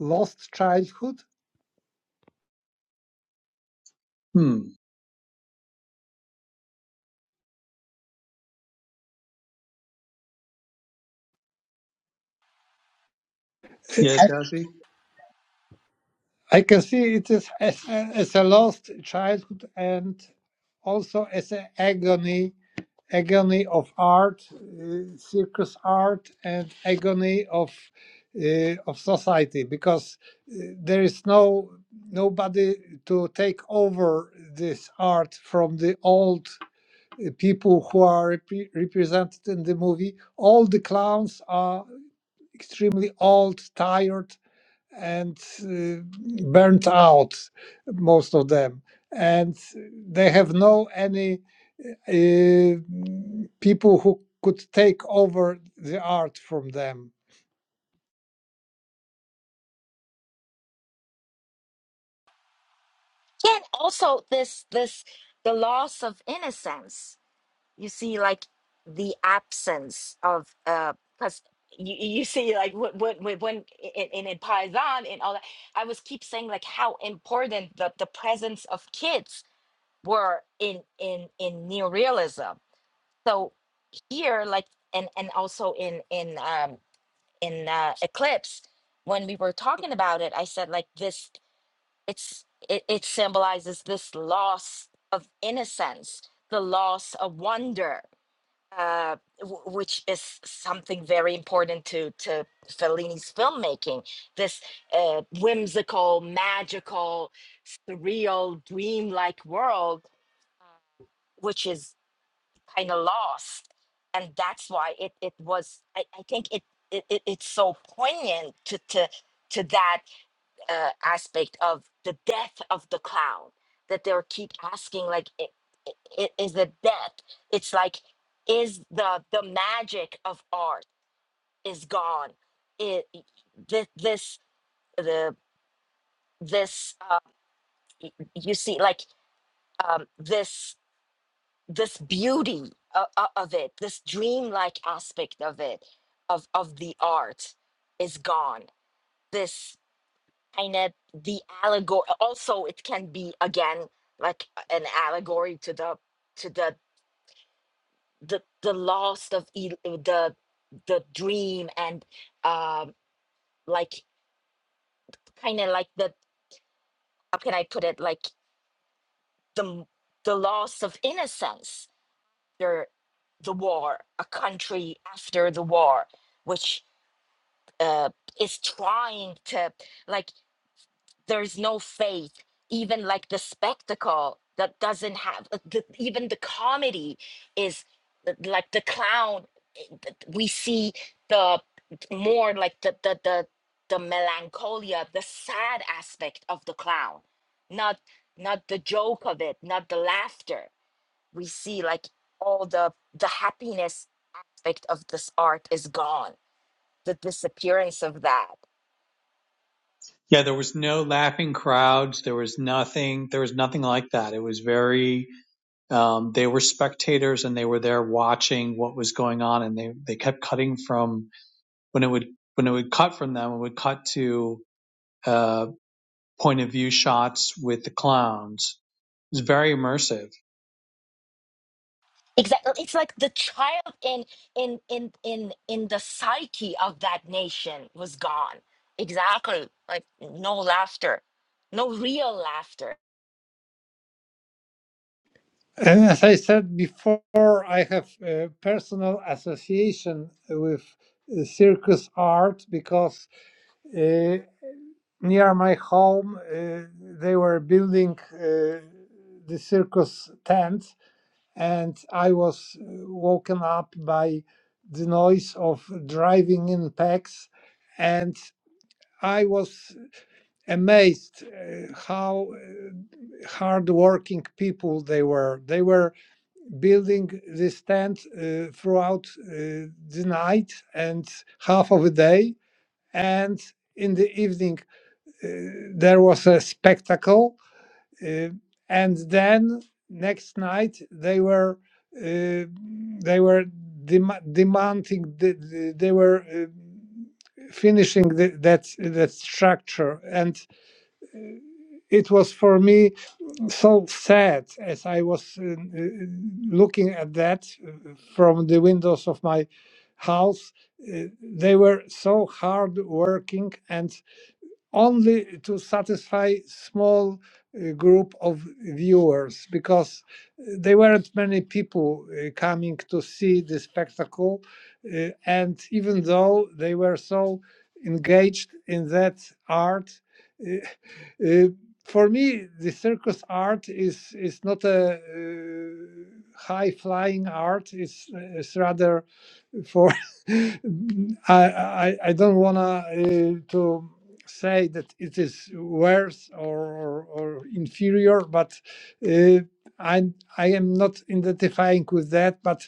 Lost childhood. hmm. Yes, Yasi. I can see it is as, a- as a lost childhood and also as an agony agony of art, uh, circus art, and agony of uh, of society because uh, there is no nobody to take over this art from the old uh, people who are repre- represented in the movie. All the clowns are extremely old, tired, and uh, burnt out most of them and they have no any uh, people who could take over the art from them And also this, this, the loss of innocence you see like the absence of uh because you, you see like what what when, when in, in in Paisan and all that I was keep saying like how important the, the presence of kids were in in in neorealism so here like and and also in in um in uh, eclipse when we were talking about it I said like this it's it, it symbolizes this loss of innocence the loss of wonder uh, w- which is something very important to to Fellini's filmmaking. This uh, whimsical, magical, surreal, dreamlike world, which is kind of lost, and that's why it it was. I, I think it, it it it's so poignant to to to that uh, aspect of the death of the clown that they'll keep asking like i i- i- is the death it's like is the the magic of art is gone it this, this the this uh, y- you see like um this this beauty of, of it this dreamlike aspect of it of of the art is gone kind of the allegory also it can be again like an allegory to the to the the, the loss of il- the the dream and um like kind of like the how can i put it like the m- the loss of innocence The the war a country after the war which uh is trying to like there's no faith even like the spectacle that doesn't have uh, the, even the comedy is uh, like the clown uh, th- we see the more like the the the, the melancholia the sad aspect of the clown not not the joke of it not the laughter we see like all the the happiness aspect of this art is gone the disappearance of that Yeah, there was no laughing crowds. There was nothing. There was nothing like that. It was very. Um, they were spectators and they were there watching what was going on, and they they kept cutting from when it would when it would cut from them. It would cut to uh, point of view shots with the clowns. It was very immersive. Exactly, it's like the child in in in in in the psyche of that nation was gone. Exactly, like no laughter, no real laughter. and as i said before i have a personal association with uh, circus art because uh, near my home uh, they were building uh, the circus tent and I was uh, woken up by the noise of driving in packs, and I was amazed uh, how uh, hardworking people they were. They were building this tent uh, throughout uh, the night and half of the day, and in the evening uh, there was a spectacle uh, and then next night they were uh, they were dem- demanding the, the- they were uh, finishing the, that that structure and it was for me so sad as i was uh, uh, looking at that uh, from the windows of my house Uh, they were so hard working and only to satisfy small uh, group of viewers because uh, there weren't many people uh, coming to see the spectacle uh, and even though they were so engaged in that art uh, uh, for me the circus art is is not a uh, high flying art it's, uh, it's rather for I, I I don't wanna uh, to say that it is worse or or, or inferior, but uh, I I am not identifying with that. But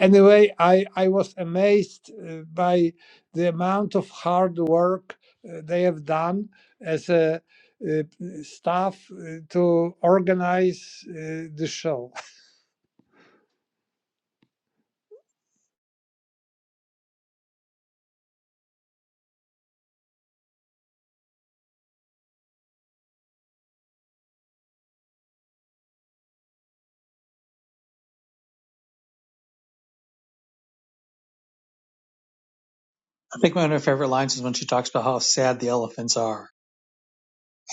anyway, I, I was amazed uh, by the amount of hard work uh, they have done as a uh, staff uh, to organize uh, the show. I think one of her favorite lines is when she talks about how sad the elephants are.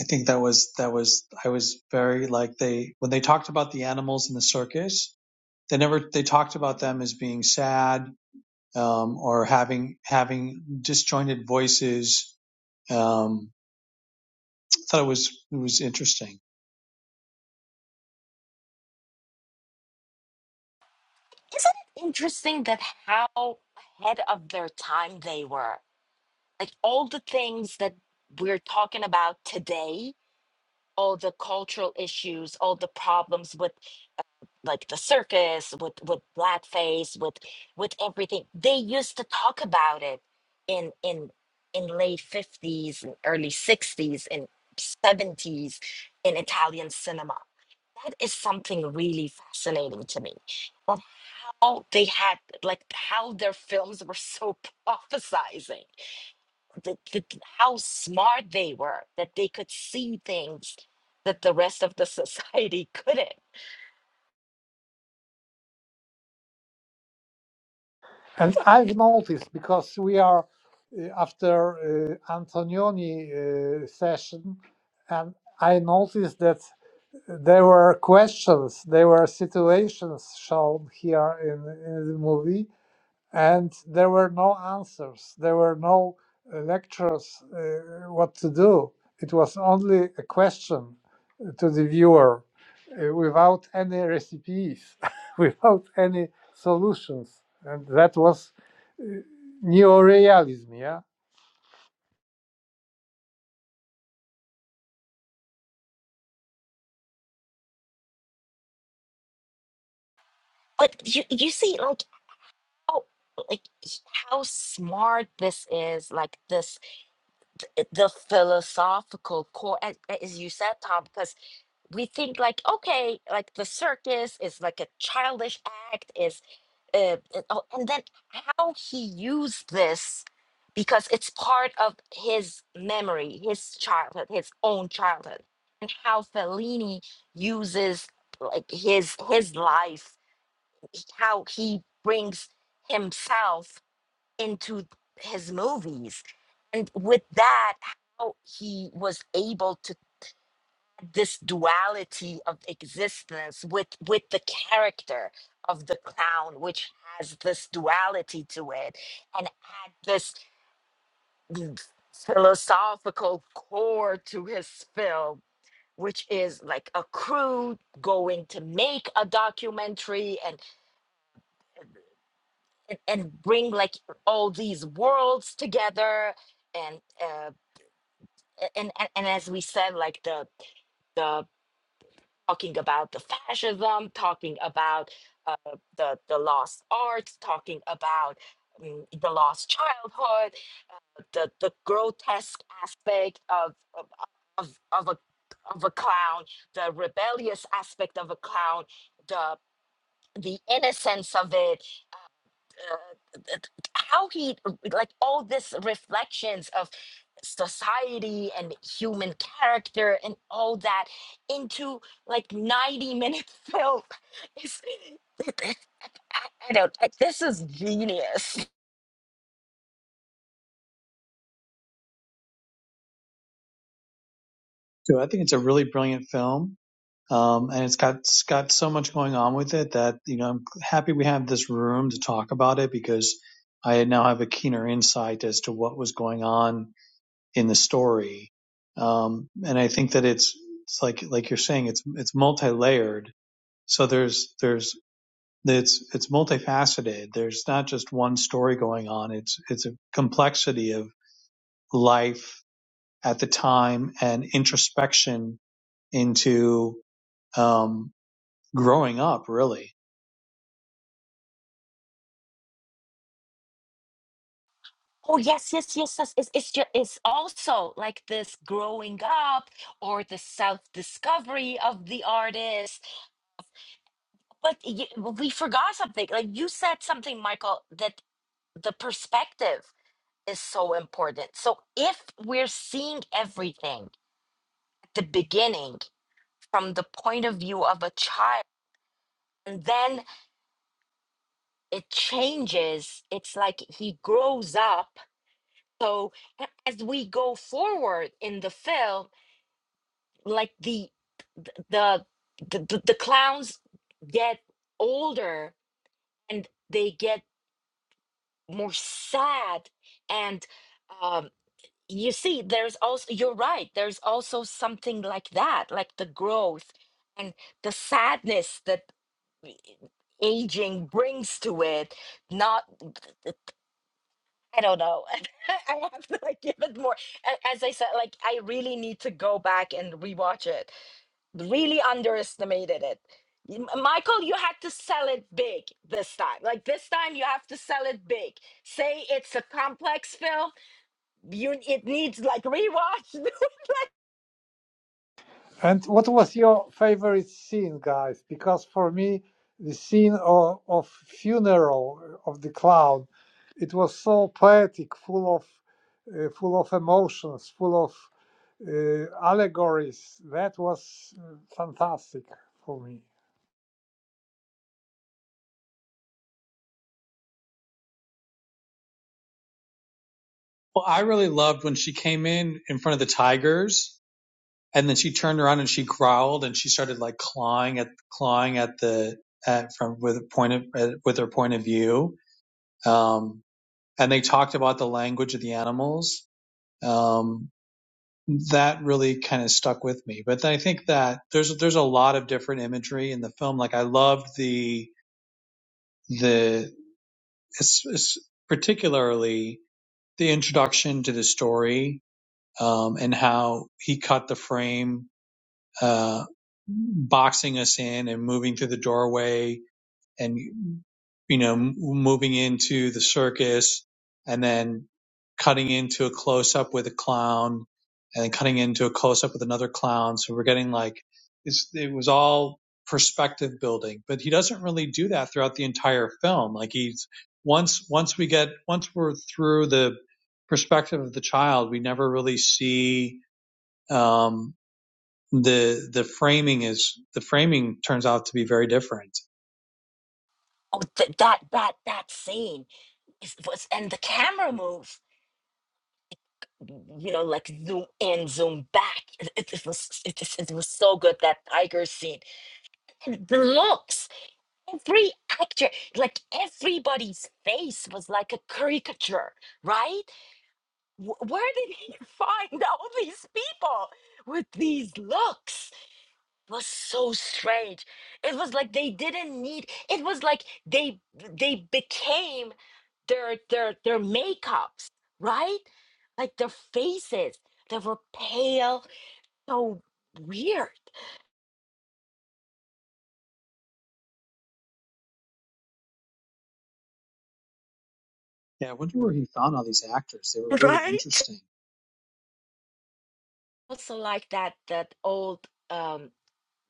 I think that was that was I was very like they when they talked about the animals in the circus they never they talked about them as being sad um, or having having disjointed voices. Um, I thought it was it was interesting. Interesting that how ahead of their time they were. Like all the things that we're talking about today, all the cultural issues, all the problems with like the circus with with blackface with with everything they used to talk about it in in in late 50s and early 60s and 70s in italian cinema that is something really fascinating to me of how they had like how their films were so prophesizing the, the, how smart they were that they could see things that the rest of the society couldn't And I've noticed because we are uh, after uh, Antonioni uh, session, and I noticed that there were questions, there were situations shown here in, in the movie, and there were no answers, there were no uh, lectures uh, what to do. It was only a question to the viewer uh, without any recipes, without any solutions. And that was neorealism, yeah? but you, you see like Oh, like s- how smart this is like this it- the philosophical core as, as you said tom because we think like okay like the circus is like a childish act is uh, uh, oh, and then how he used this because it's part of his memory his childhood his own childhood and how fellini uses like his his life how he brings himself into his movies. And with that, how he was able to this duality of existence with with the character of the clown, which has this duality to it, and add this philosophical core to his film, which is like a crew going to make a documentary and and, and bring like all these worlds together and uh, a- and, and and as we said, like the the talking about the fascism, talking about uh, the the lost art, talking about mm, the lost childhood, the the grotesque aspect of of of, of a of a clown, the rebellious aspect of a clown, the the innocence of it, uh, th- how he like all this reflections of society and human character and all that into like 90 minute film It's- it, it- I, I don't I- this is genius So I think it's a really brilliant film, um, and it's got it's got so much going on with it that you know I'm happy we have this room to talk about it because I now have a keener insight as to what was going on in the story, um, and I think that it's it's like like you're saying it's it's multi layered. So there's there's it's it's multifaceted. There's not just one story going on. It's it's a complexity of life at the time and introspection into um, growing up. Really. oh yes yes yes yes it's, it's just it's also like this growing up or the self-discovery of the artist but y- we forgot something like you said something michael that the perspective is so important. So if we're seeing everything at the beginning from the point of view of a child, and then it changes, it's like he grows up. So as we go forward in the film, like the the the, the, the clowns get older and they get more sad and um you see there's also you're right there's also something like that like the growth and the sadness that i- aging brings to it not uh, i don't know i have to like give it more A- as i said like i really need to go back and rewatch it really underestimated it M- michael you had to sell it big this time like this time you have to sell it big say it's a complex film you it needs like rewatch And what was your favorite scene, guys? Because for me, the scene of, of funeral of the clown, it was so poetic, full of, uh, full of emotions, full of uh, allegories. That was uh, fantastic for me. Well, I really loved when she came in in front of the tigers, and then she turned around and she growled and she started like clawing at clawing at the at from with a point of uh, with her point of view. Um, and they talked about the language of the animals. Um, that really kind of stuck with me. But I think that there's there's a lot of different imagery in the film. Like I loved the the it's, it's particularly the introduction to the story um, and how he cut the frame, uh, boxing us in and moving through the doorway and you know m- moving into the circus and then cutting into a close up with a clown and then cutting into a close up with another clown so we're getting like it's, it was all perspective building but he doesn't really do that throughout the entire film like he's once once we get once we're through the perspective of the child we never really see um the the framing is the framing turns out to be very different oh, th- that that that scene is, was, and the camera move, you know, like zoom in, zoom back. It, it- it was it, just- it was so good that tiger scene and the looks. Every actor, like everybody's face, was like a caricature, right? Wh- where did he find all these people with these looks? It was so strange. It was like they didn't need. It was like they they became their their their makeups, right? Like their faces They were pale, so weird, Yeah, I wonder where he found all these actors. They were really right? interesting. Also like that that old um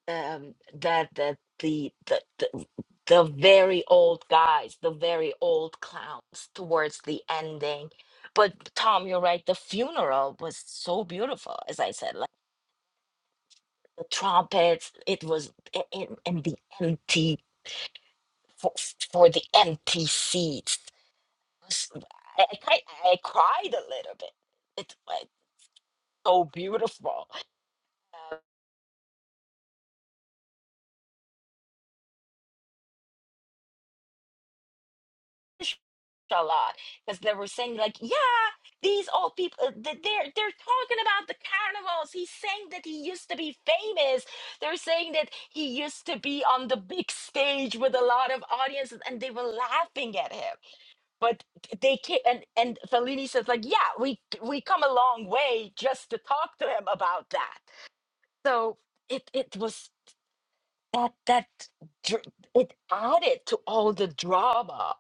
um that that the the, the the very old guys, the very old clowns towards the ending. But Tom, you're right. The funeral was so beautiful, as I said. Like the trumpets, it was in, in the empty for, for the empty seats s- I, I, cri- I cried a little bit. It's like so beautiful. Uh, Inshallah, Because they were saying like, yeah, these old people, uh, th- they're they're talking about the carnivals. He's saying that he used to be famous. They're saying that he used to be on the big stage with a lot of audiences, and they were laughing at him. But they came, and and Fellini says like, yeah, we we come a long way just to talk to him about that. So it it was that that dr- it added to all the drama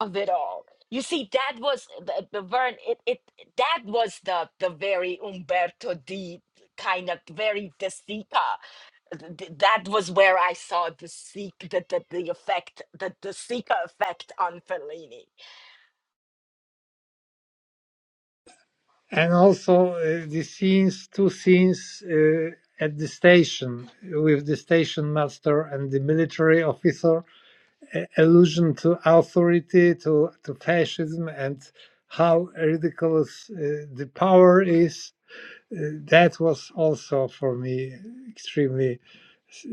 of it all you see that was eh, the, the vern it, it that was the the very umberto d kind of very the seeker Th- th- that was where i saw the seek the, the, the effect the, the seeker effect on fellini And also uh, the scenes, two scenes uh, at the station with the station master and the military officer allusion to authority, to, to fascism, and how ridiculous uh, the power is. Uh, that was also for me extremely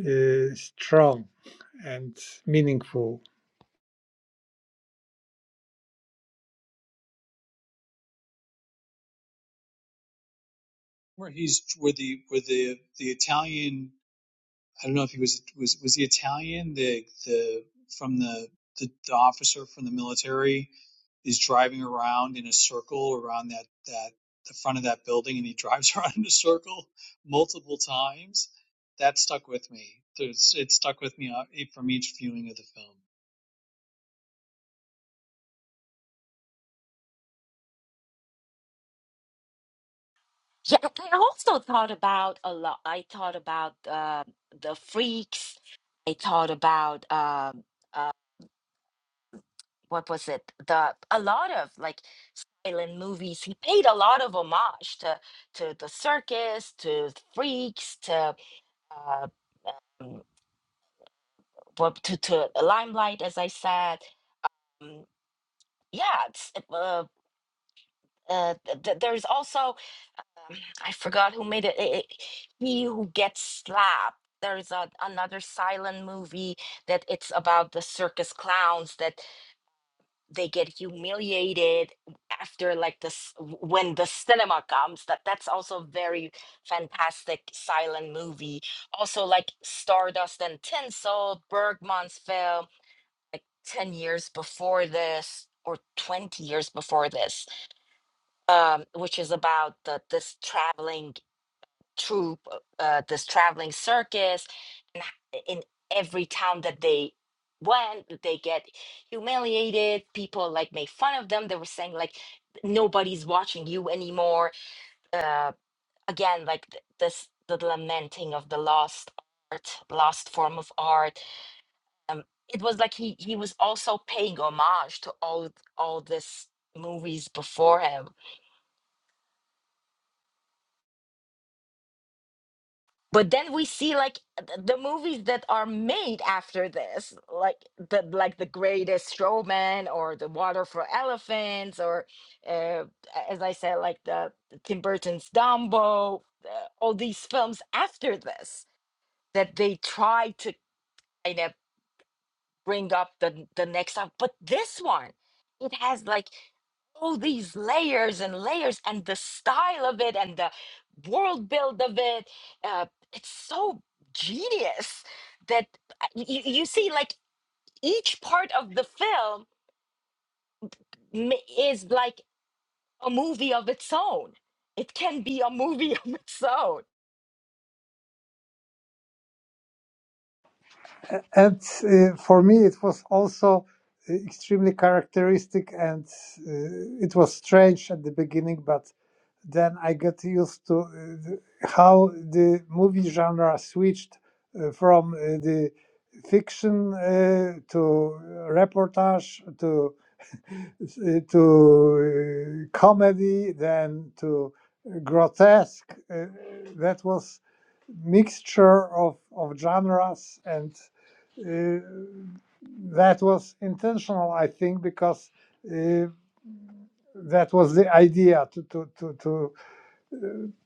uh, strong and meaningful. Where he's where the where the the Italian I don't know if he was was was the Italian the the from the the, the officer from the military is driving around in a circle around that that the front of that building and he drives around in a circle multiple times. That stuck with me. There's, it stuck with me uh, e, from each viewing of the film. yeah i also thought about a lot i thought about uh, the freaks i thought about um what was it the a lot of like silent movies he paid a lot of homage to to the circus to freaks to uh mm, what to to limelight as i said Mm, yeah it's uh, uh, th- th- there's also um, i forgot who made it, it, it he who gets slapped there's a, another silent movie that it's about the circus clowns that they get humiliated after like this when the cinema comes that that's also a very fantastic silent movie also like stardust and tinsel bergman's film like 10 years before this or 20 years before this um which is about the this traveling troupe, uh, uh, this traveling circus, and h- in every town that they went, they get humiliated. People like make fun of them. They were saying like nobody's watching you anymore. Uh, again, like th- this, the lamenting of the lost art, lost form of art. Um, it was like he he was also paying homage to all all this movies before him but then we see like th- the movies that are made after this like the like the greatest showman or the water for elephants or uh, as i said like the tim burton's dumbo uh, all these films after this that they try to kind of bring up the the next up but this one it has like all these layers and layers and the style of it and the world build of it uh, it's so genius that uh, you, you see like each part of the film ma- is like a movie of its own it can be a movie of its own And uh, for me, it was also uh, extremely characteristic, and uh, it was strange at the beginning, but then I got used to uh, how the movie genre switched uh, from uh, the fiction uh, to reportage to uh, to uh, comedy, then to grotesque. Uh, that was mixture of of genres and. Uh, that was intentional, I think, because uh, that was the idea to to to to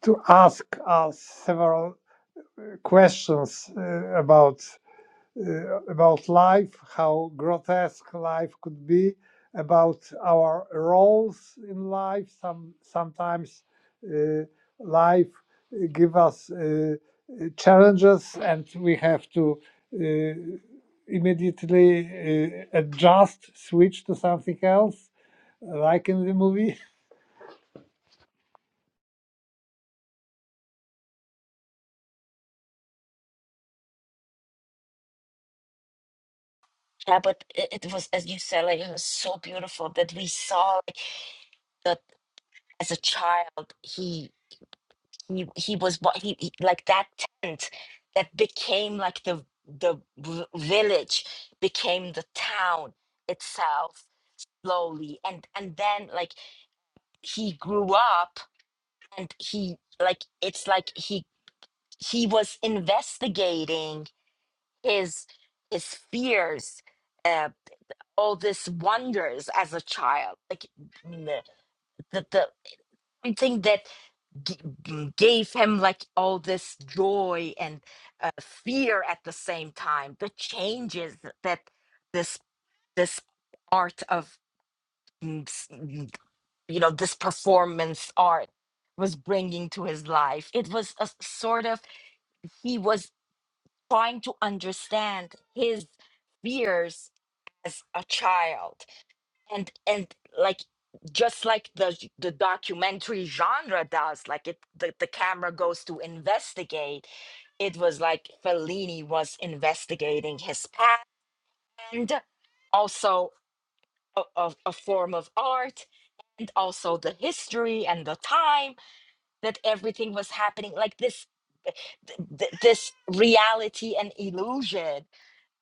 to ask us several questions uh, about uh, about life, how grotesque life could be, about our roles in life. Some sometimes uh, life uh, give us uh, challenges, and we have to. Uh, immediately uh, adjust switch to something else like in the movie yeah but it, it was as you said like it was so beautiful that we saw like, that as a child he. he he was what he, he like that tent that became like the the v- village became the town itself slowly and and then like he grew up and he like it's like he he was investigating his his fears uh all these wonders as a child like the the, the one thing that g- g- gave him like all this joy and uh, fear at the same time the changes that this this art of mm, s- mm, you know this performance art was bringing to his life it was a s- sort of he was trying to understand his fears as a child and and like just like the j- the documentary genre does like it the, the camera goes to investigate it was like fellini was investigating his past and also a, a, a form of art and also the history and the time that everything was happening like this th- th- this reality and illusion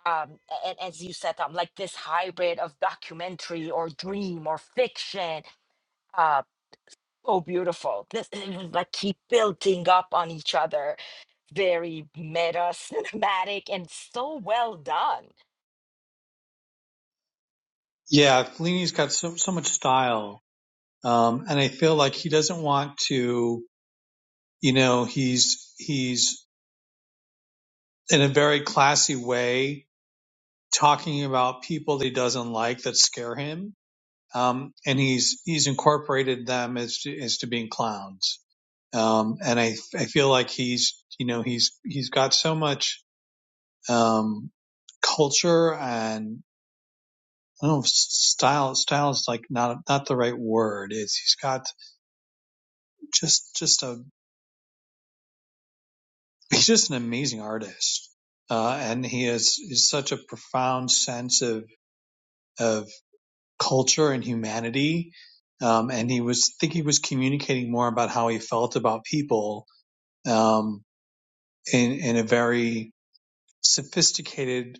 um a- and as you said um like this hybrid of documentary or dream or fiction uh, Oh, beautiful. This it was like keep building up on each other. Very meta, cinematic, and so well done. Yeah, Fellini's got so so much style, um, and I feel like he doesn't want to. you know he's he's in a very classy way talking about people that he doesn't like that scare him um, and he's he's incorporated them as to, as to being clowns um, and I, I feel like he's you know he's he's got so much um, culture and I don't know if style style is like not not the right word is he's got just just a he's just an amazing artist uh, and he has is such a profound sense of of culture and humanity. Um, and he was, I think he was communicating more about how he felt about people, um, in, in a very sophisticated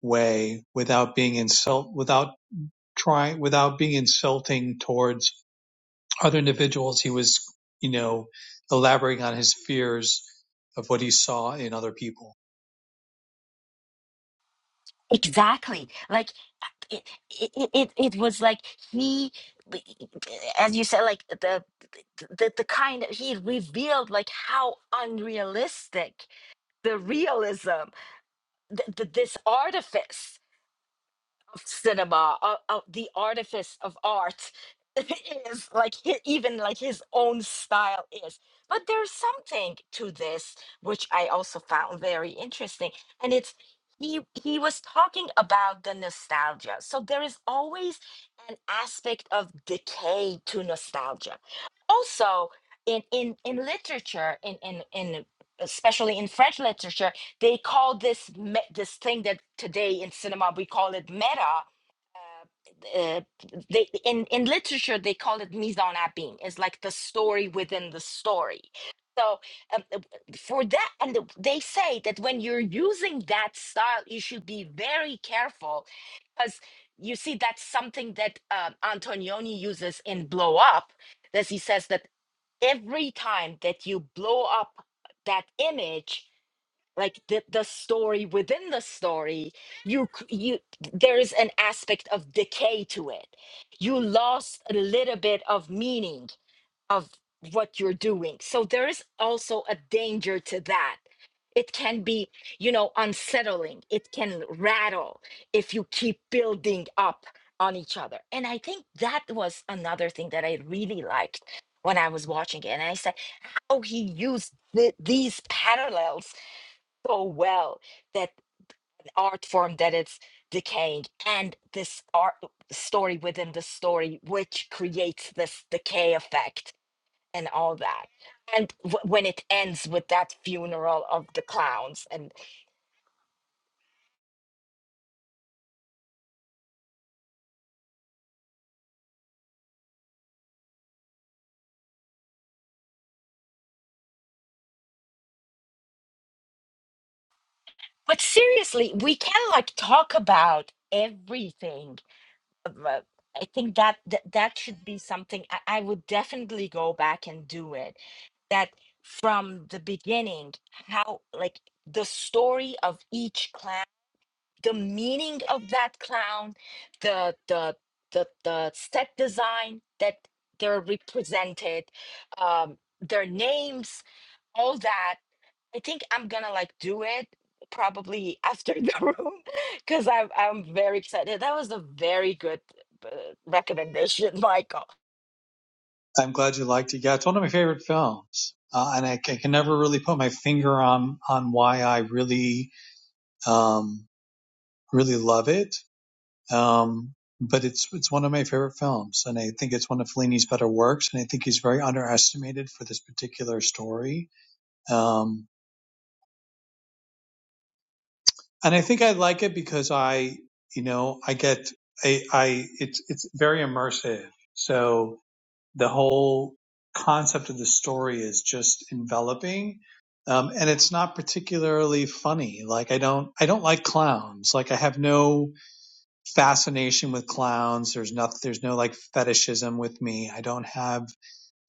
way without being insult, without trying, without being insulting towards other individuals. He was, you know, elaborating on his fears of what he saw in other people. Exactly. Like it, it, it, it it was like he, as you said, like the, the, the kind of he revealed like how unrealistic the realism, the, the, this artifice. of cinema, of, of the artifice of art is like hi- even like his own style is. But there's something to this which I also found very interesting, and it's he he was talking about the nostalgia. So there is always an aspect of decay to nostalgia. Also, in in in literature, in in in especially in French literature they call this me- this thing that today in cinema we call it meta. Uh, uh, they in in literature they call it mise en abîme. It's like the story within the story. So um, uh, for that, and the- they say that when you're using that style, you should be very careful because you see that's something that um, Antonioni uses in Blow Up, as he says that every time that you blow up that image like the, the story within the story you c- you there is an aspect of decay to it you lost a little bit of meaning of what you're doing so there is also a danger to that it can be you know unsettling it can rattle if you keep building up on each other and i think that was another thing that i really liked when i was watching it and i said oh he used the, these parallels so well that art form that it's decaying and this art story within the story which creates this decay effect and all that and w- when it ends with that funeral of the clowns and but seriously we can like talk about everything uh, I think that that, that should be something I, I would definitely go back and do it. That from the beginning, how like the story of each clown, the meaning of that clown, the the the the set design that they're represented, um, their names, all that I think I'm gonna like do it probably after the room because I'm I'm very excited. That was a very good uh, recommendation, Michael. I'm glad you liked it. Yeah, it's one of my favorite films. Uh, and I I can never really put my finger on, on why I really Um, really love it. Um, but it's it's one of my favorite films, and I think it's one of Fellini's better works. And I think he's very underestimated for this particular story. Um, and I think I like it because I, you know, I get I, I it's it's very immersive. So the whole concept of the story is just enveloping. Um, and it's not particularly funny. Like I don't, I don't like clowns. Like I have no, fascination with clowns. There's not, there's no like fetishism with me. I don't have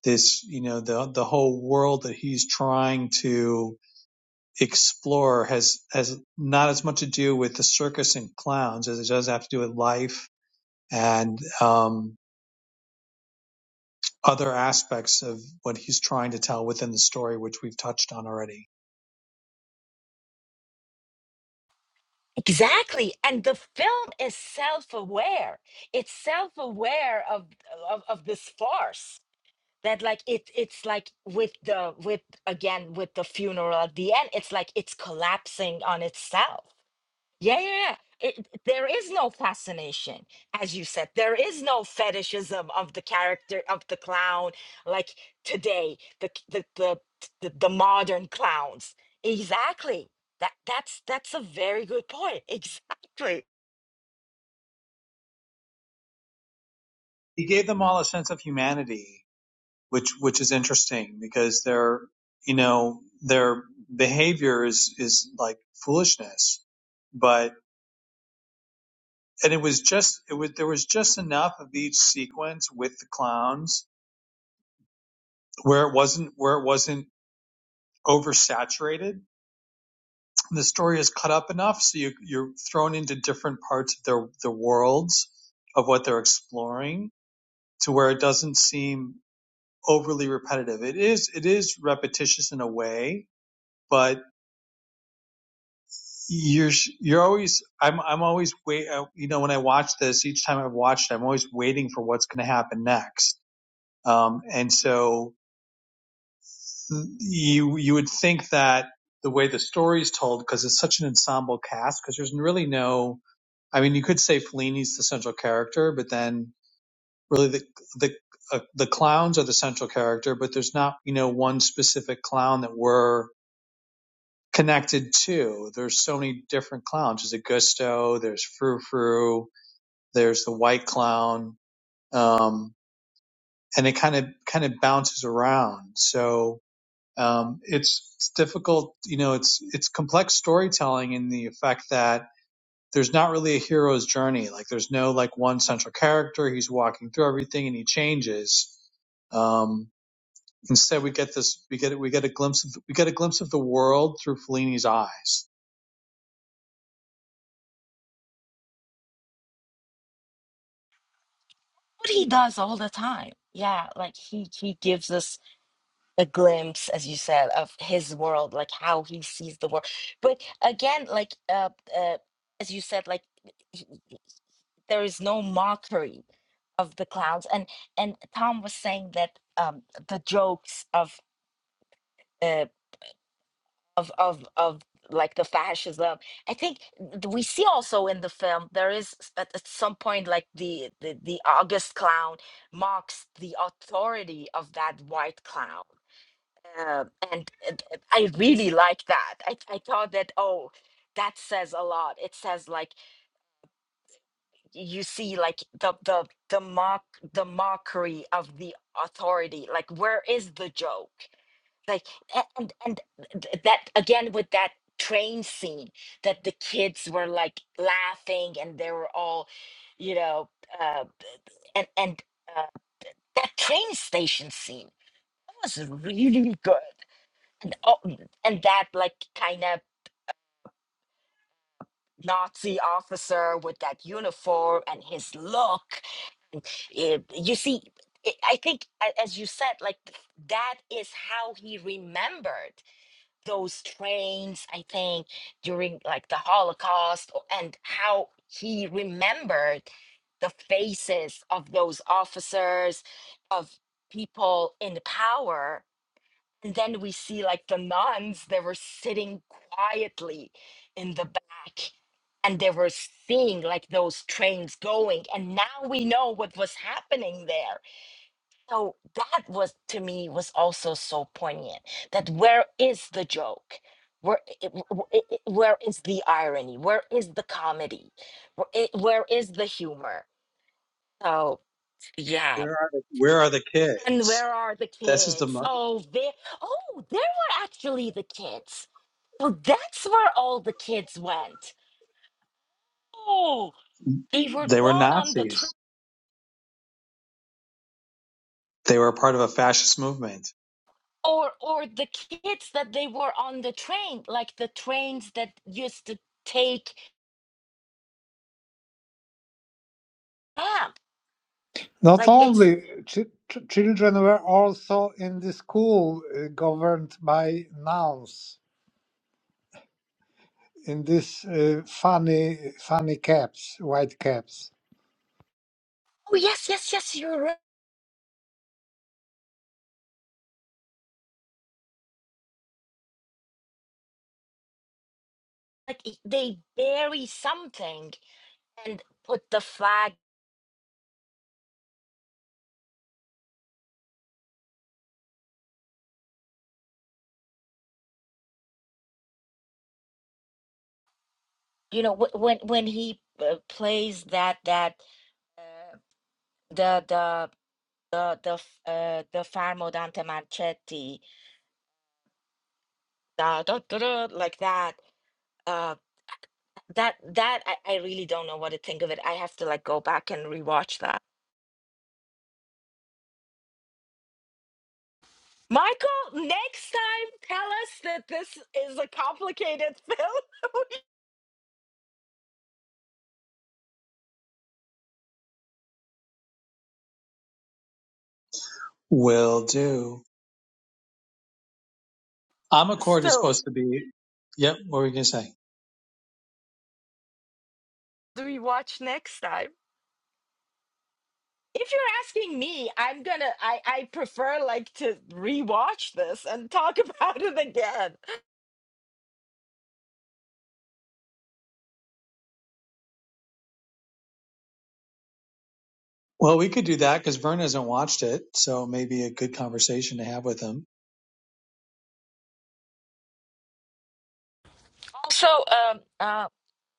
this, you know, the, the whole world that he's trying to explore has, has not as much to do with the circus and clowns as it does have to do with life and, um, other aspects of what he's trying to tell within the story, which we've touched on already. Exactly, and the film is self-aware. It's self-aware of of, of this farce that like it it's like with the with again with the funeral at the end. It's like it's collapsing on itself Yeah, yeah, yeah. It, there is no fascination, as you said. There is no fetishism of the character of the clown, like today, the the the the, the modern clowns. Exactly. That that's that's a very good point. Exactly. He gave them all a sense of humanity which which is interesting because their you know their behavior is is like foolishness but and it was just it was there was just enough of each sequence with the clowns where it wasn't where it wasn't oversaturated the story is cut up enough so you you're thrown into different parts of their the worlds of what they're exploring to where it doesn't seem overly repetitive it is it is repetitious in a way but. You're you're always I'm I'm always wait uh, you know when I watch this each time I've watched it I'm always waiting for what's going to happen next. Um, and so mm, you you would think that the way the story is told because it's such an ensemble cast because there's really no I mean you could say Fellini's the central character but then really the the uh, the clowns are the central character but there's not you know one specific clown that we're connected to. There's so many different clowns. There's Augusto, there's Frou Frou, There's the white clown, um, and it kind of kind of bounces around. So um, it's, it's difficult. You know, it's it's complex storytelling in the effect that there's not really a hero's journey. Like there's no like one central character. He's walking through everything and he changes. Um, instead, we get this. We get we get a glimpse of we get a glimpse of the world through Fellini's eyes. What he does all the time. Yeah, like he he gives us a glimpse, as you said, of his world, like how he sees the world. But again, like uh, uh as you said, like. there is no mockery of the clowns and and tom was saying that um the jokes of uh of of of like the fascism i think th- we see also in the film there is s- at, at some point like the, the the august clown mocks the authority of that white clown uh, and it- i really like that I, I thought that oh that says a lot it says like you see like the the the mock the mockery of the authority like where is the joke like a- and and th- that again with that train scene that the kids were like laughing and they were all you know uh and and uh, that train station scene that was really good and oh, and that like kind of Nazi officer with that uniform and his look Eh, you see it- i think a- as you said like th- that is how he remembered those trains i think during like the holocaust o- and how he remembered the faces of those officers of people in power and then we see like the nuns that were sitting quietly in the back and they were seeing like those trains going. And now we know what was happening there. So that was to me was also so poignant that where is the joke? Where, i- i- w- i- i- where is the irony? Where is the comedy? Where, i- where is the humor? So, yeah. Where are the Where are the And kids? where are the This is the. kids? mo- Oh, there. Oh, there were actually the kids. So that's where all the kids went. Oh, they were They were gone on the Nazis. train, They were a part of a fascist movement. or or the kids that they were on the train, like the trains that used to take camp. Not Like it's. only, ch- ch- children were also in the school uh, governed by nuns in this uh, funny, funny caps, white caps. Oh yes, yes, yes. You're right. Like it- they bury something and put the flag. You know wh- when when he uh, plays that that uh, the the the the f- uh the Fermo Dante Marchetti da, da, da, da, like that uh that that I, I really don't know what to think of it I have to like go back and rewatch that Michael next time tell us that this is a complicated film Will do. Omnicord is so supposed to be. Yep. What were you gonna say? do we watch next time if you're asking me I'm gonna I I prefer like to rewatch this and talk about it again Well, we could do that because Vern hasn't watched it, so maybe a good conversation to have with him. also um uh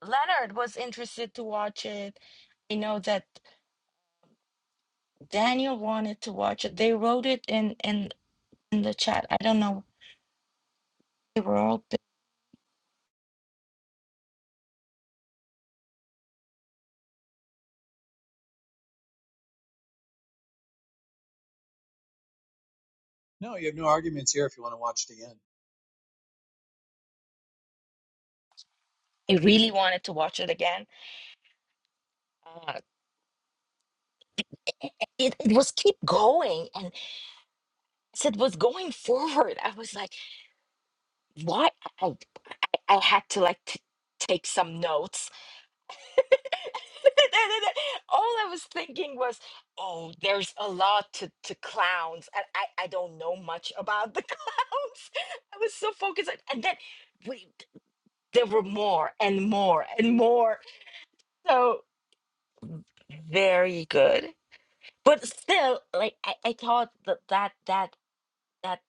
Leonard was interested to watch it I know that Daniel wanted to watch it. They wrote it in in in the chat. I don't know. They were all. bu- No, you have no arguments here if you want to watch it again. I really wanted to watch it again. Uh, it, it it was keep going, and as it was going forward, I was like, why? I I had to like t- take some notes. all I was thinking was, oh, there's a lot to to clowns, and I I don't know much about the clowns. I was so focused, on- and then. We, there were more and more and more. so very good but still like i, I thought that, that that that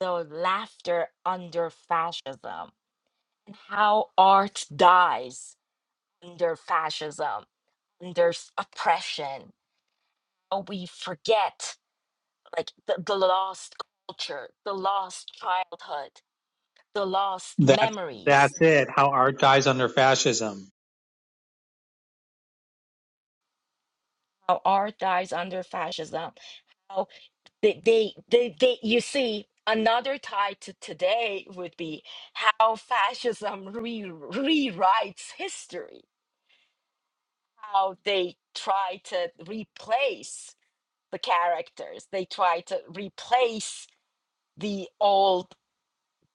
the laughter under fascism and how art dies under fascism under s- oppression how we forget like the, the lost culture the lost childhood the lost That memories that's it. How art dies under fascism. how art dies under fascism How. they, they, they, they, you see, another tie to today would be how fascism re- rewrites history, how they try to replace the characters, they try to replace the old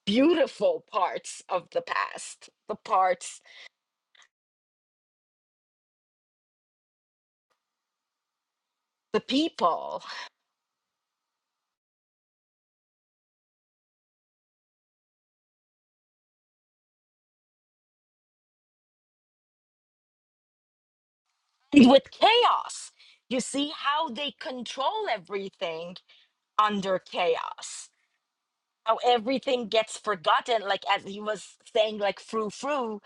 beautiful parts of the past, the parts, the people, and with chaos. You see how they control everything under chaos how everything gets forgotten like as he was saying like frou frou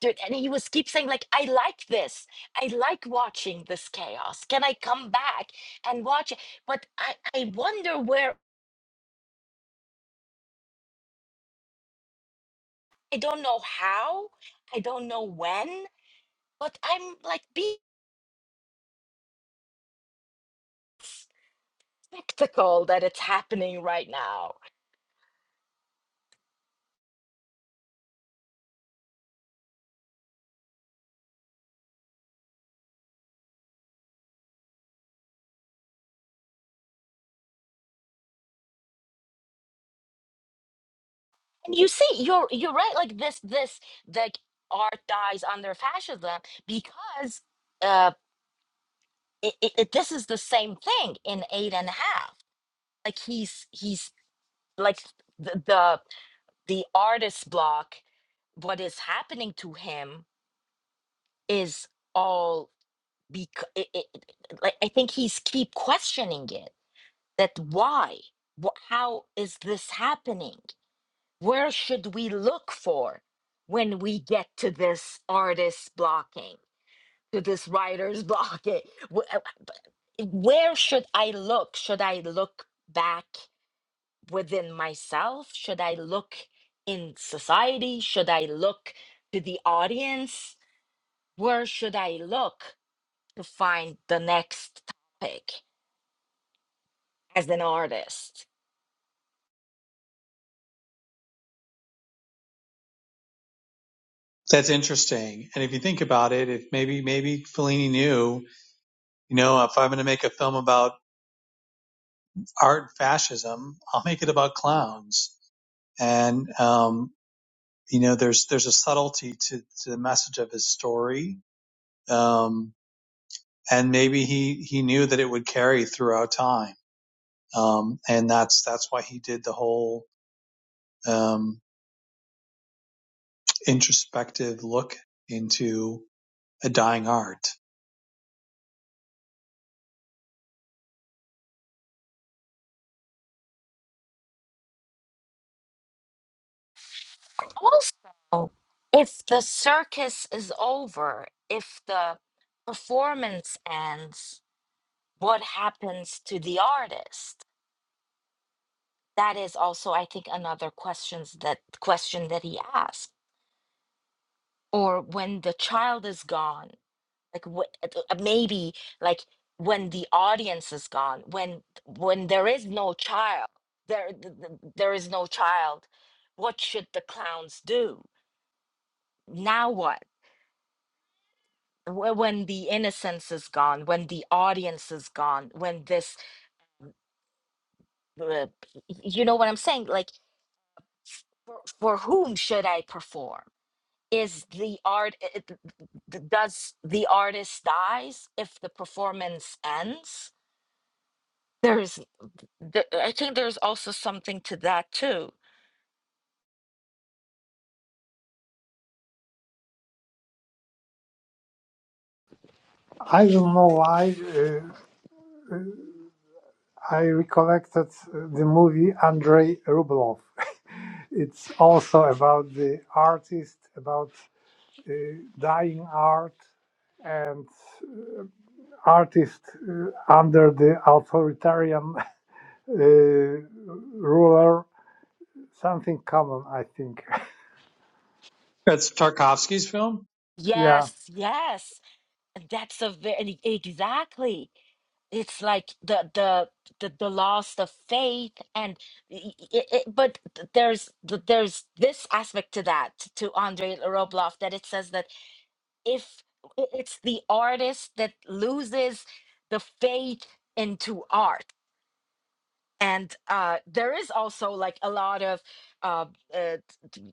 dude and he was keep saying like i like this i like watching this chaos can i come back and watch it but i i wonder where i don't know how i don't know when but i'm like being spectacle that it's happening right now and you see you're you're right like this this like art dies under fascism because uh, it, it, it- this is the same thing in eight and a half like he's he's like the the, the artist block what is happening to him is all because it, it, it- like i think he's keep questioning it that why Wh- how is this happening where should we look for when we get to this artist blocking to this writer's blocking where should I look? Should I look back within myself? Should I look in society? Should I look to the audience? Where should I look to find the next topic as an artist? That's interesting. And if you think about it, if maybe maybe Fellini knew, you know, if I'm going to make a film about art and fascism, I'll make it about clowns. And um, you know, there's there's a subtlety to, to the message of his story um, and maybe he he knew that it would carry throughout time, um, and that's that's why he did the whole um, introspective look into a dying art. Also, if the circus is over, if the performance ends, what happens to the artist? That is also, I think, another questions that question that he asked or when the child is gone like wh- at- uh, maybe like when the audience is gone when when there is no child there th- th- there is no child what should the clowns do now what Wh- when the innocence is gone when the audience is gone when this uh, you know what i'm saying like for, for whom should i perform is the art it, it- does the artist dies if the performance ends there's the, i think there's also something to that too I don't know why uh, I recollected the movie Andrei Rublev. it's also about the artist, about uh, dying art, and artist uh, under the authoritarian uh, ruler Something common, I think. That's Tarkovsky's film. Yeah, yes yes and that's a very exactly it's like the the the, the loss of faith and i- i- i- but th- there's th- there's this aspect to that to Andrei robloff that it says that if i- it's the artist that loses the faith into art and uh there is also like a lot of uh, uh t- t-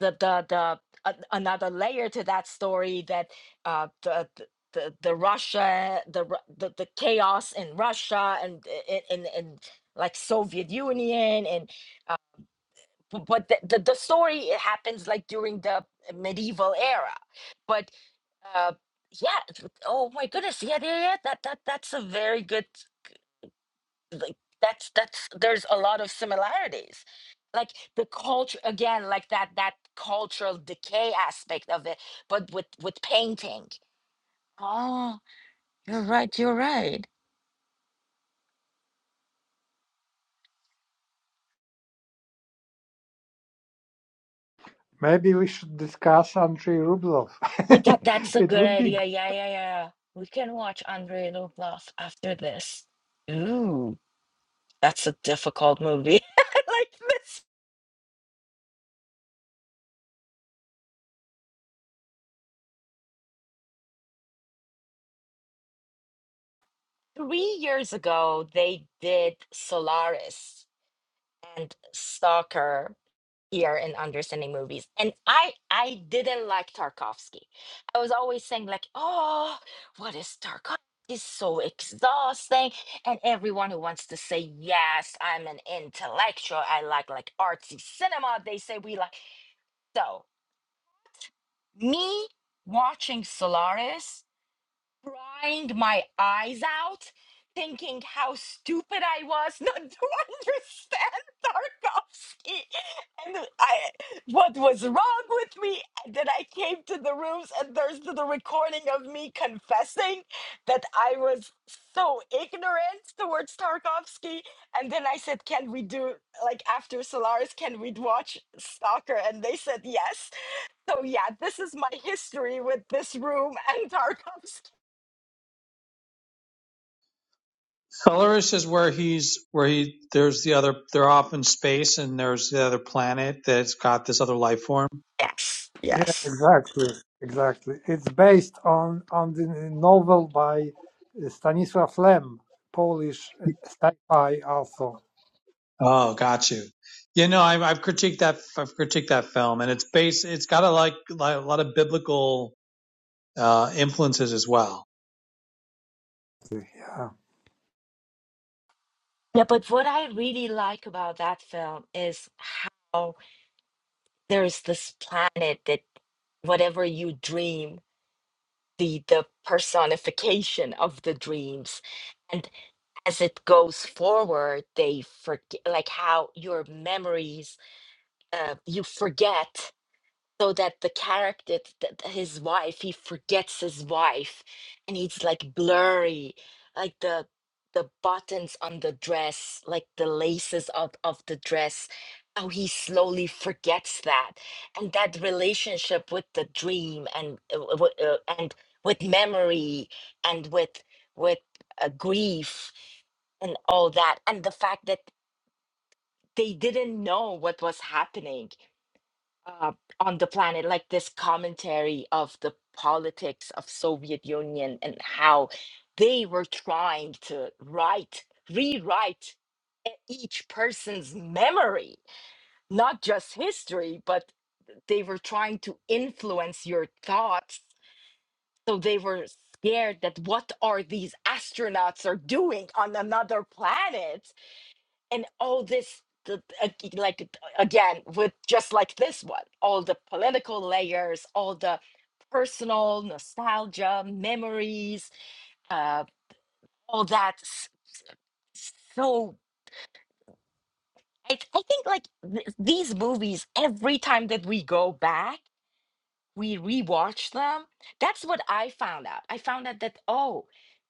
the the the an- another layer to that story that uh the the the, the Russia, the, Ru- the the chaos in Russia and in in and like Soviet Union and uh, b- but the, the the story it happens like during the medieval era, but uh, yeah. th- Oh my goodness. Yeah, yeah, yeah. That that that's a very good. Like that's that's there's a lot of similarities. Like the culture again, like that that cultural decay aspect of it, but with with painting. Oh, you're right. You're right. maybe we should discuss Andrei Rublev. Well, that that's a it good would be idea. good. Yeah, yeah, yeah. We can watch Andrei Rublev after this. Ooh, that's a difficult movie. like this. Three years ago, they did Solaris and stalker here in understanding movies and i i didn't like tarkovsky i was always saying like oh what is tarkovsky is so exhausting and everyone who wants to say yes i'm an intellectual i like like artsy cinema they say we like so me watching solaris crying my eyes out, thinking how stupid I was not to understand Tarkovsky and I, what was wrong with me. And then I came to the rooms, and there's the recording of me confessing that I was so ignorant towards Tarkovsky. And then I said, Can we do, like, after Solaris, can we watch Stalker? And they said, Yes. So yeah, this is my history with this room and Tarkovsky. Colorist is where he's where he there's the other they're off in space and there's the other planet that's got this other life form. Yes. Yeah, Yes. exactly, exactly. It's based on on the novel by Stanisław Lem, Polish uh, sci-fi author. Oh, got you. You know, I've, I've critiqued that I've critiqued that film, and it's based it's got a like, like a lot of biblical uh, influences as well Yeah, Yeah, but what I really like about that film is how there's this planet that whatever you dream, the the personification of the dreams. And as it goes forward, they forget like how your memories uh, you forget so that the character th- th- his wife he forgets his wife and he's like blurry like the the buttons on the dress like the laces of of the dress how he slowly forgets that and that relationship with the dream and uh, w- uh, and with memory and with with uh, grief and all that and the fact that they didn't know what was happening uh, on the planet, like this commentary of the politics of Soviet Union and how they were trying to write, rewrite e- each person's memory, not just history, but they were trying to influence your thoughts. So they were scared that what are these astronauts are doing on another planet? and all this the, ag- like uh, again with just like this one all the political layers all the personal nostalgia memories uh all that s- so i, I think like th- these movies every time that we go back we rewatch them that's what i found out i found out that oh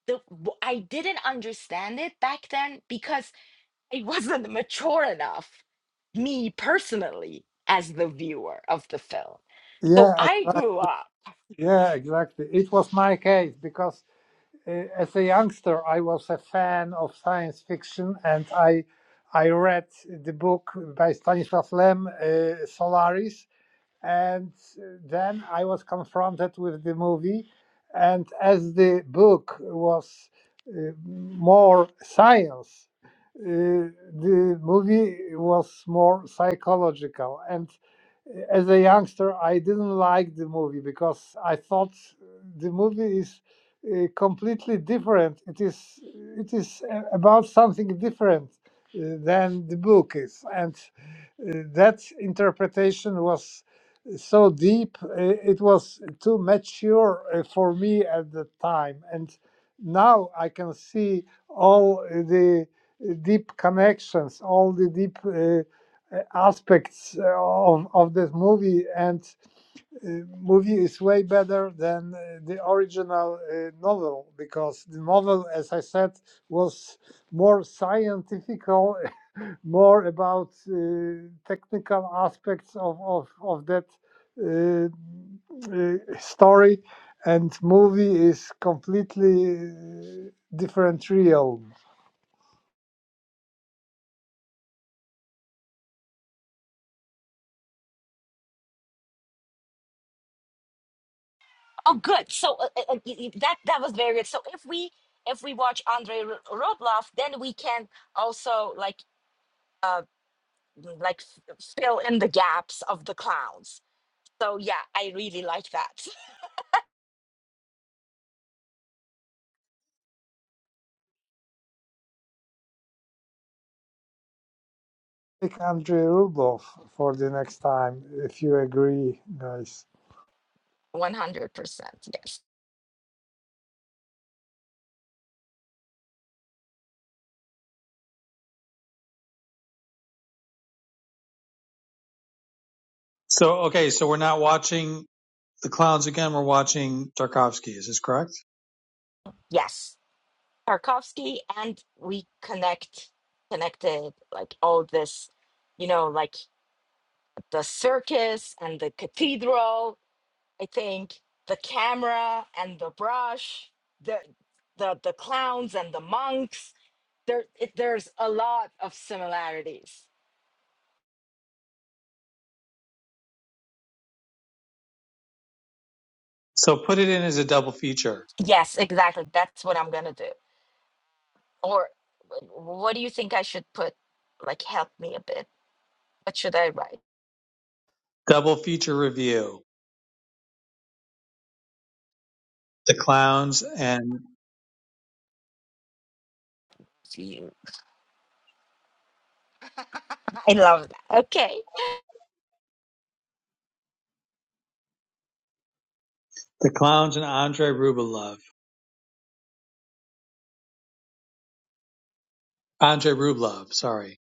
the w- i didn't understand it back then because it wasn't mature enough, me personally, as the viewer of the film. So yeah, I exactly. grew up. Yeah, exactly. It was my case because uh, as a youngster, I was a fan of science fiction, and I I read the book by Stanisław Lem, uh, Solaris and then I was confronted with the movie, and as the book was uh, more science, uh, the movie was more psychological, and as a youngster, I didn't like the movie because I thought the movie is uh, completely different. It is it is uh, about something different uh, than the book is, and uh, that interpretation was so deep. uh, It was too mature uh, for me at the time, and now I can see all the deep connections, all the deep. Uh, uh, aspects uh, of of this movie and uh, movie is way better than uh, the original uh, novel because the novel as i said was more scientifical more about uh, technical aspects of of, of that uh, uh, story and movie is completely uh, different realm Oh, good. So uh, uh, uh, y- y- that that was very good. So if we if we watch Andrei Ro- Rublev, then we can also like uh mm, like f- fill in the gaps of the clowns. So yeah, I really like that. pick Andrei Rublev for the next time, if you agree, guys. One hundred percent. Yes. So okay, so we're not watching the clowns again. We're watching Tarkovsky. Is this correct? Yes. Tarkovsky, and we connect connected like all this you know, like the circus and the cathedral. I think the camera and the brush, the the the clowns and the monks. There, it, there's a lot of similarities. So put it in as a double feature, Yes, exactly. That's what I'm gonna do. Or wh- what do you think I should put? Like, help me a bit. What should I write? double feature review: the clowns and to you? I love that. Okay. the clowns and Andre Rublev. Andre Rublev, sorry,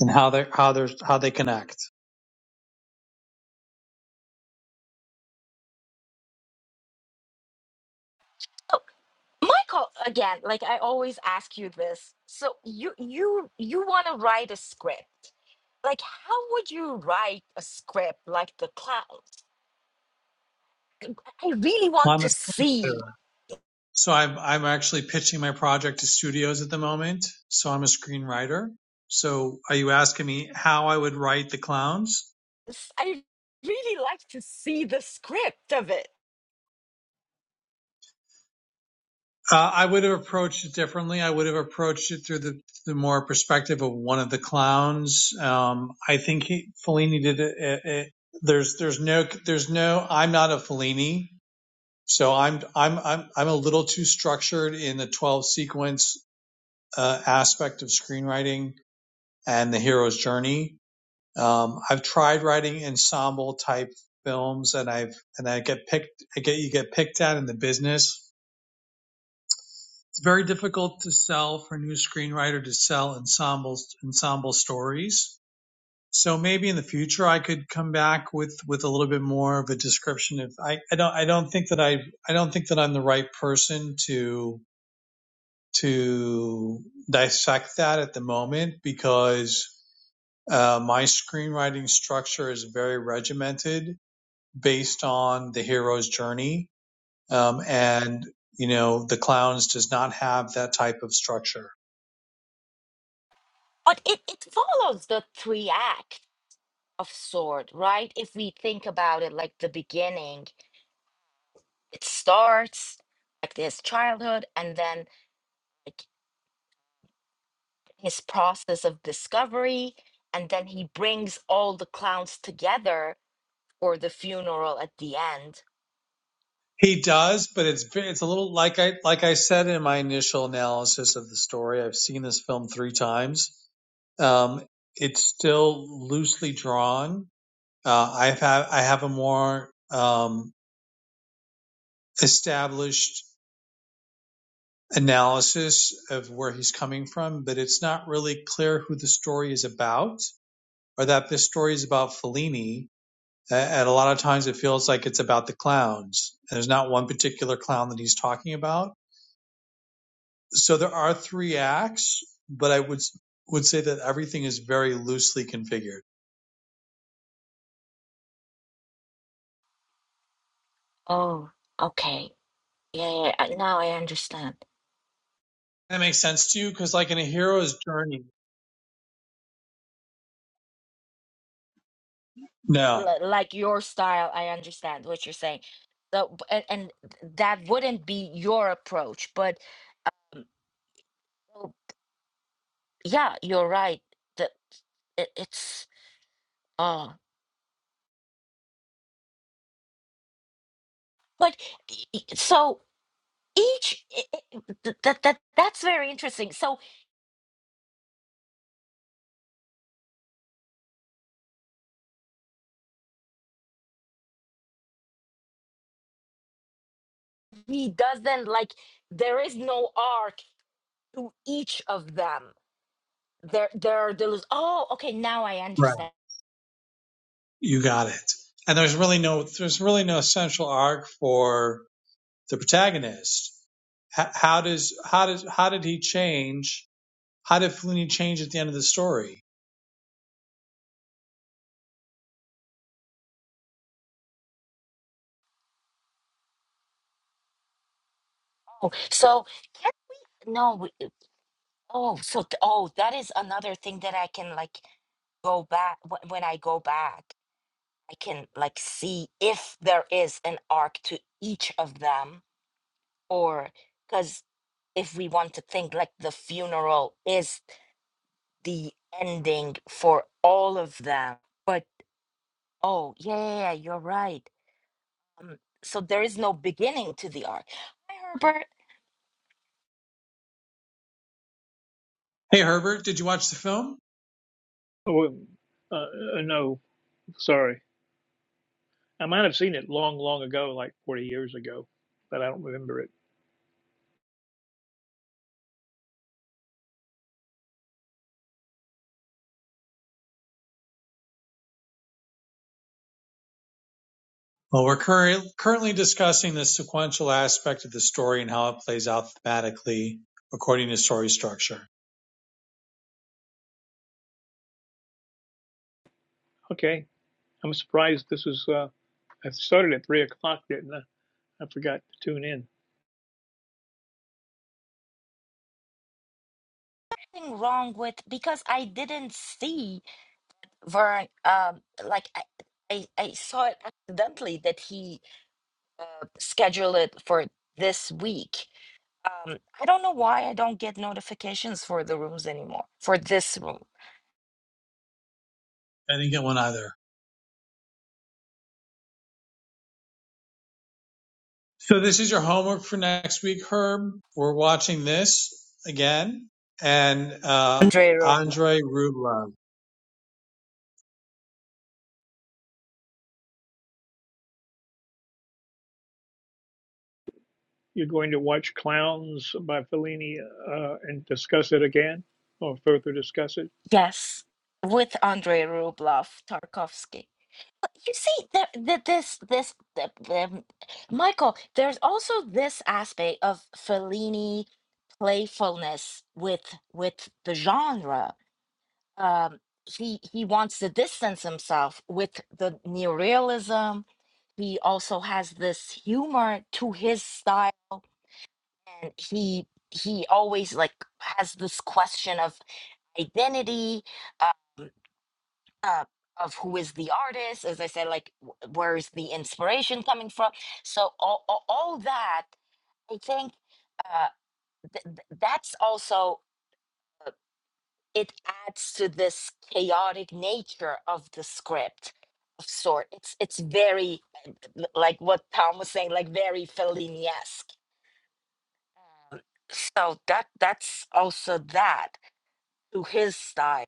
and how they how they how they connect. So, Michael, again, like I always ask you this. So you you you want to write a script like how would you write a script like the clouds i really want I'm a to see screenwriter. so I'm I'm actually pitching my project to studios at the moment. So I'm a screenwriter. So are you asking me how I would write the clowns? this- i really like to see the script of it Uh, I would have approached it differently. I would have approached it through the, the more perspective of one of the clowns. Um, I think he, Fellini did it, it, it. There's, there's no, there's no. I'm not a Fellini, so I'm, I'm, I'm, I'm a little too structured in the 12 sequence uh, aspect of screenwriting and the hero's journey. Um, I've tried writing ensemble type films, and I've, and I get picked. I get, you get picked at in the business it's very difficult to sell for a new screenwriter to sell ensembles ensemble stories. So maybe in the future I could come back with with a little bit more of a description. If I, I don't I don't think that I I don't think that I'm the right person to to dissect that at the moment because uh, my screenwriting structure is very regimented based on the hero's journey, um, and you know the clowns does not have that type of structure but it, it follows the three act of sword right if we think about it like the beginning it starts like his childhood and then like his process of discovery and then he brings all the clowns together for the funeral at the end He does, but it's it's a little like I like I said in my initial analysis of the story. I've seen this film three times. Um, it's still loosely drawn. Uh, I've had I have a more um, established analysis of where he's coming from, but it's not really clear who the story is about, or that this story is about Fellini. And a lot of times, it feels like it's about the clowns, and there's not one particular clown that he's talking about So there are three acts, but I would would say that everything is very loosely configured. oh okay Yeah, yeah, I- now I understand. That makes sense to you because, like in a hero's journey, no, L- like your style, I understand what you're saying. So, b- and, and that wouldn't be your approach, but oh, yeah, you're right. That it, it's uh but e- e- so each I- I- th- that that that's very interesting. So he doesn't like there is no arc to each of them. There there are those. Oh, okay, now I right, understand. you got it. And there's really no there's really no essential arc for the protagonist. H- how does how does how did he change? How did Fellini change at the end of the story? Oh, so yeah, no. Oh, so th- oh, that is another thing that I can like go back wh- when I go back. I can like see if there is an arc to each of them, or because if we want to think like the funeral is the ending for all of them, but oh yeah, yeah, yeah, you're right. Um, so there is no beginning to the arc. Hi, Herbert, Hey Herbert, did you watch the film? Oh, well, uh, uh, no, sorry. I might have seen it long, long ago, like 40 years ago, but I don't remember it. Well, we're curr- currently discussing the sequential aspect of the story and how it plays out thematically according to story structure. Okay. I'm surprised this is, uh, I started at three o'clock, didn't I? I forgot to tune in. nothing wrong with because I didn't see. Vern, um, like I, I, I saw it accidentally that he scheduled it for this week. Um, I don't know why I don't get notifications for the rooms anymore. For this room, I didn't get one either. So this is your homework for next week, Herb. We're watching this again, and uh, Andrei Rublev. Andre Rublev. You're going to watch Clowns by Fellini, uh, and discuss it again or further discuss it. Yes, with Andrei Rublev, Tarkovsky. You see, there, the, this, this, the, the, Michael. There's also this aspect of Fellini playfulness with with the genre. um, he he wants to distance himself with the neorealism. He also has this humor to his style, and he he always like has this question of identity, uh, uh, of who is the artist. As I said, like w- where is the inspiration coming from? So all all, all that I think uh, th- th- that's also. it adds to this chaotic nature of the script of sort it's it's very uh, l- like what tom was saying like very fellini-esque Um, so that that's also that to his style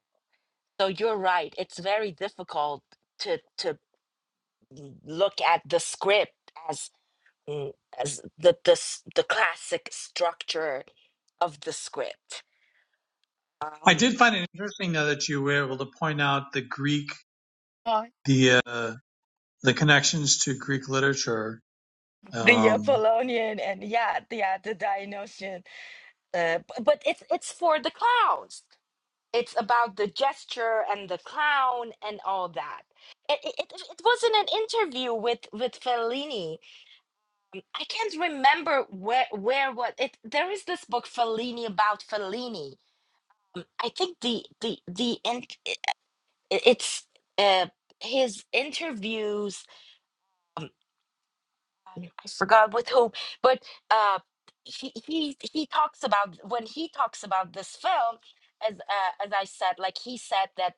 so you're right it's very difficult to to mm, look at the script as mm, as the the, s- the classic structure of the script. I um did find it interesting though that you were able to point out the Greek, uh, the uh, the connections to Greek literature. the Um, apollonian and yeah yeah the dionysian uh, b- but it's it's for the clowns. It's about the gesture and the clown and all that. It, it, it it was in an interview with with Fellini. I can't remember where where what it. There is this book Fellini about Fellini. I think the the the in, it, it's uh, his interviews. I forgot with whom, but uh, he he he talks about when he talks about this film, as uh, as I said, like he said that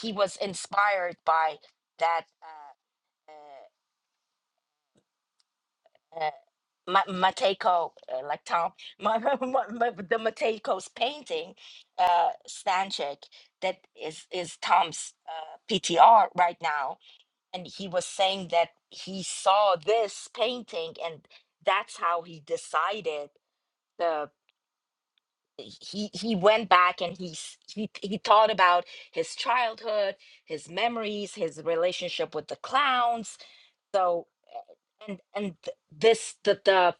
he was inspired by that uh, uh, uh, Ma- Mateko, uh, like Tom, Ma- Ma- Ma- the Mateko's painting, uh, Stanchik, that is is Tom's uh, PTR right now and he was saying that he saw this painting and that's how he decided the he he went back and he s- he he thought about his childhood his memories his relationship with the clowns so and and th- this the the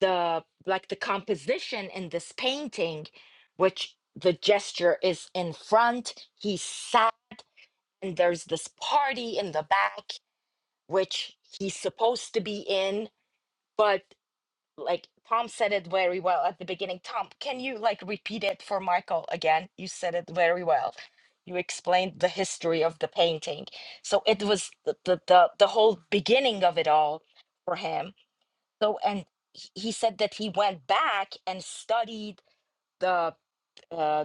the like the composition in this painting which the gesture is in front he sat and there's this party in the back which he's supposed to be in but like Tom said it very well at the beginning. Tom, can you like repeat it for Michael again? You said it very well. You explained the history of the painting. So it was the the the, the whole beginning of it all for him. So and he he said that he went back and studied the uh,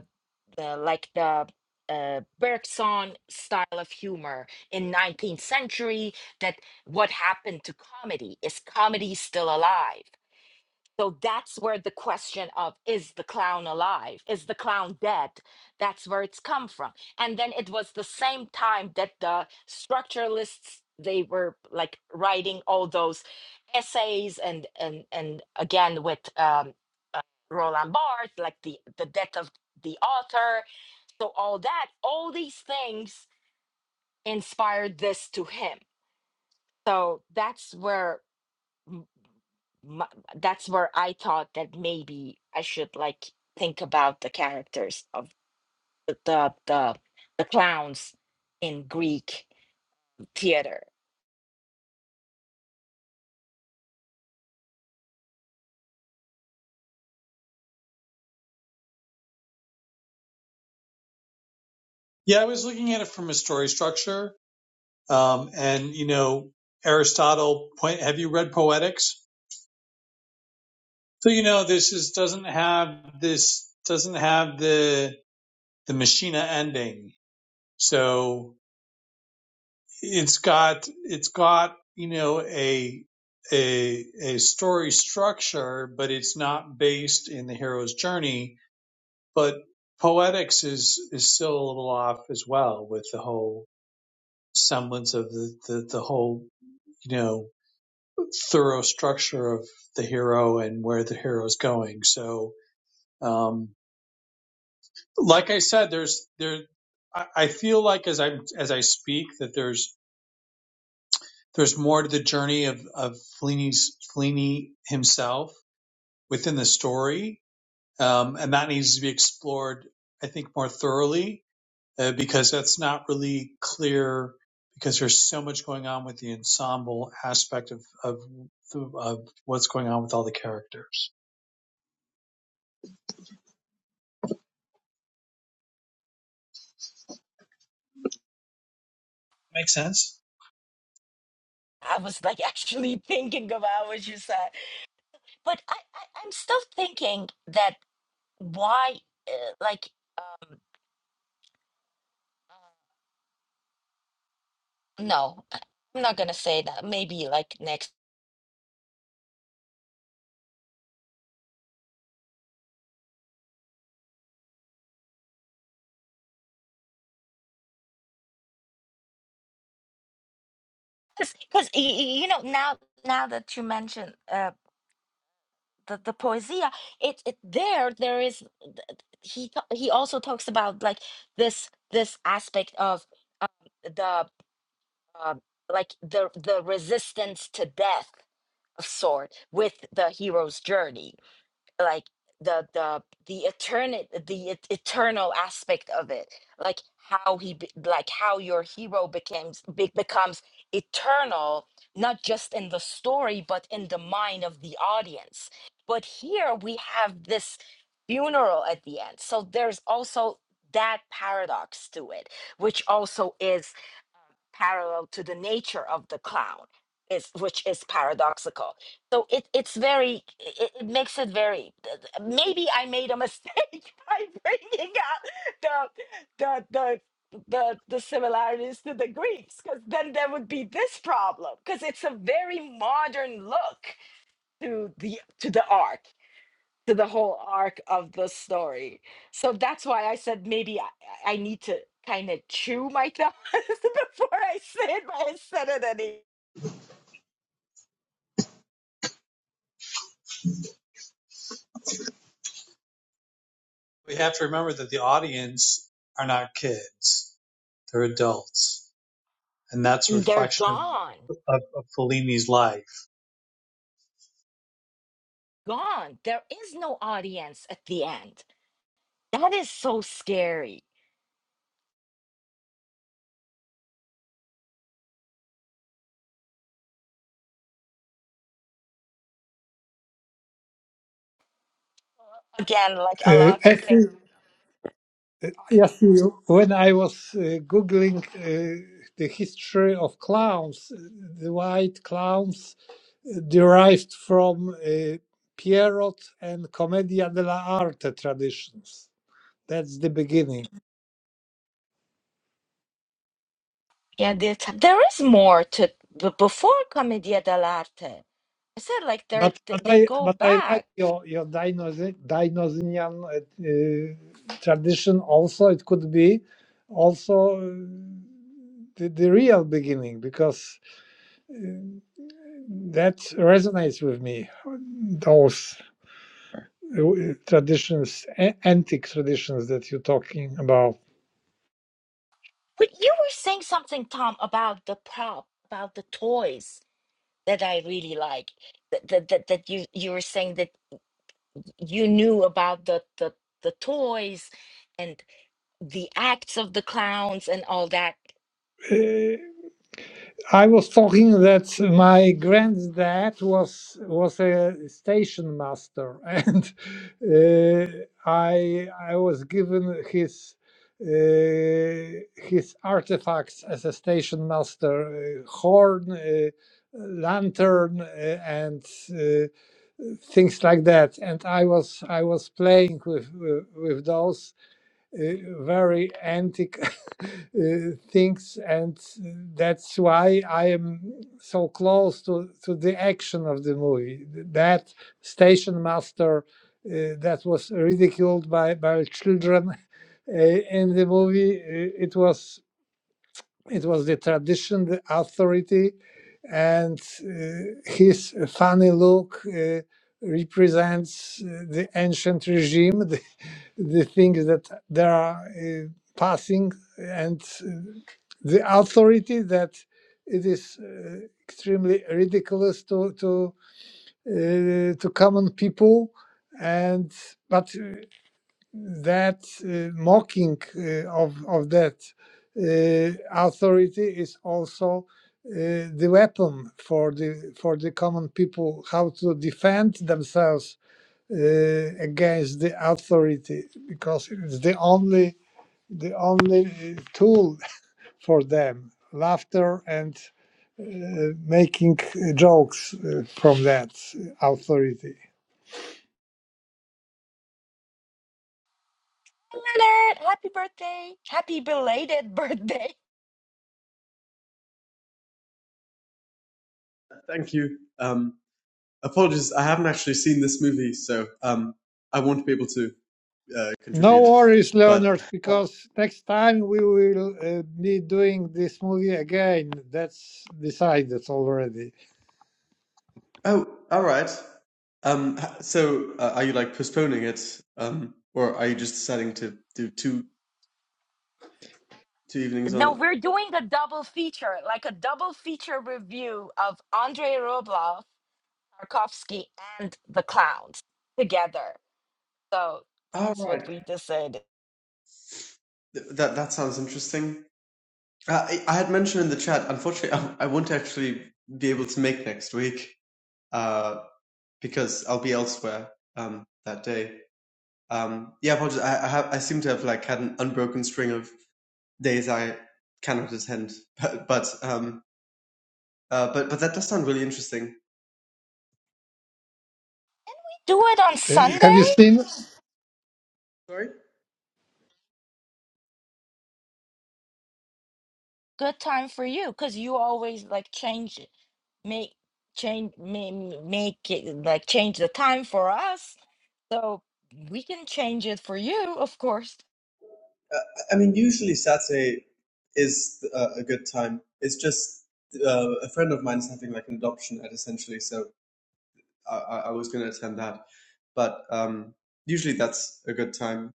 the like the uh, Bergson style of humor in 19th century that what happened to comedy is comedy still alive so that's where the question of is the clown alive? Is the clown dead? That's where it's come from. And then it was the same time that the structuralists they were like writing all those essays and and and again with um uh, Roland Barthes like the the death of the author so all that all these things inspired this to him so that's where my, that's where I thought that maybe I should like think about the characters of the the the, the clowns in Greek theater. yeah, I was looking at it from a story structure, um, and you know Aristotle. Point. Have you read Poetics? So you know this is doesn't have this doesn't have the the machina ending So it's got it's got you know a a a story structure, but it's not based in the hero's journey. But poetics is is still a little off as well with the whole semblance of the the, the whole you know thorough structure of the hero and where the hero's going. So um, like I said, there's there I I feel like as I as I speak that there's There's more to the journey of, of Fellini's, Fellini himself within the story, um, and that needs to be explored, I think, more thoroughly uh, because that's not really clear because there's so much going on with the ensemble aspect of, of, of what's going on with all the characters. Make sense? I was like actually thinking about what you said, but I, I I'm still thinking that why uh, like no, I- I'm not gonna say that. Maybe like next because you know now now that you mention. the, the poesia it, it there there is th- he ta- he also talks about like this this aspect of the uh, like the the resistance to death of sort with the hero's journey like the the the eternal the et- eternal aspect of it like how he be, like how your hero becomes be, becomes eternal not just in the story but in the mind of the audience but here we have this funeral at the end so there's also that paradox to it which also is parallel to the nature of the clown is which is paradoxical so it, it's very it, it makes it very maybe i made a mistake by bringing out the the the the, the similarities to the greeks because then there would be this problem because it's a very modern look to the to the art to the whole arc of the story. So that's why I said maybe I, I need to kind of chew my thoughts before I say it, but I said it anyway. We have to remember that the audience are not kids; they're adults, and that's a And They're reflection gone, of, of, of Fellini's life. gone. There is no audience at the end. That is so scary. Again, like a Uh, lot to think. actually, yes, you- when I was uh, googling uh, the history of clowns, uh, the white clowns uh, derived from uh, Pierrot and Commedia dell'arte traditions. That's the beginning. Yeah, there there is more to b- before Commedia dell'arte. I said like they're But but th- they I go but I like back. your your Dionysi- Dionysian uh, uh, tradition. Also, it could be also uh, the, the real beginning because uh, that resonates with me. Those uh, traditions, a- antique traditions that you're talking about. But you were saying something, Tom, about the prop, about the toys that I really like. That that that, that you you were saying that you knew about the the the toys and the acts of the clowns and all that. Uh, I was talking that my granddad was was a station master, and uh, I I was given his uh, his artifacts as a station master, uh, horn, uh, lantern, uh, and uh, things like that. And I was I was playing with with, with those uh, very antique uh, things and that's why i am so close to, to the action of the movie that station master uh, that was ridiculed by, by children uh, in the movie uh, it was it was the tradition, the authority, and uh, his funny look uh, represents uh, the ancient regime, the, the things that they are uh, passing, and uh, the authority that it is uh, extremely ridiculous to to uh, to common people, and but. uh, that uh, mocking uh, of of that uh, authority is also uh, the weapon for the for the common people how to defend themselves uh, against the authority because it's the only the only uh, tool for them laughter and uh, making uh, jokes uh, from that authority Leonard, happy birthday! Happy belated birthday! Thank you. Um, apologies, I haven't actually seen this movie, so um, I won't be able to uh, no contribute. worries, But learners, because next time we will uh, be doing this movie again. That's decided already. oh, all right. Um, so uh, are you like postponing it, um, or are you just deciding to do two two evenings on No, it? we're doing a double feature, like a double feature review of Andrei Rublev, Tarkovsky, and the clowns together. So All that's what right. we decided. Th- that that sounds interesting. Uh, I, I had mentioned in the chat. Unfortunately, I, I won't actually be able to make next week uh, because I'll be elsewhere um, that day. Um, yeah, apologies. I, I, have, I seem to have like had an unbroken string of days I cannot attend, but but um, uh, but but that does sound really interesting. Do it on Uh, have Sunday? you seen? Sorry. good time for you because you always like change it make change ma- m- make it like change the time for us so we can change it for you of course Uh, I mean, usually Saturday is uh, a good time. It's just uh, a friend of mine is having like an adoption at essentially, so I, I was going to attend that, but um, usually that's a good time.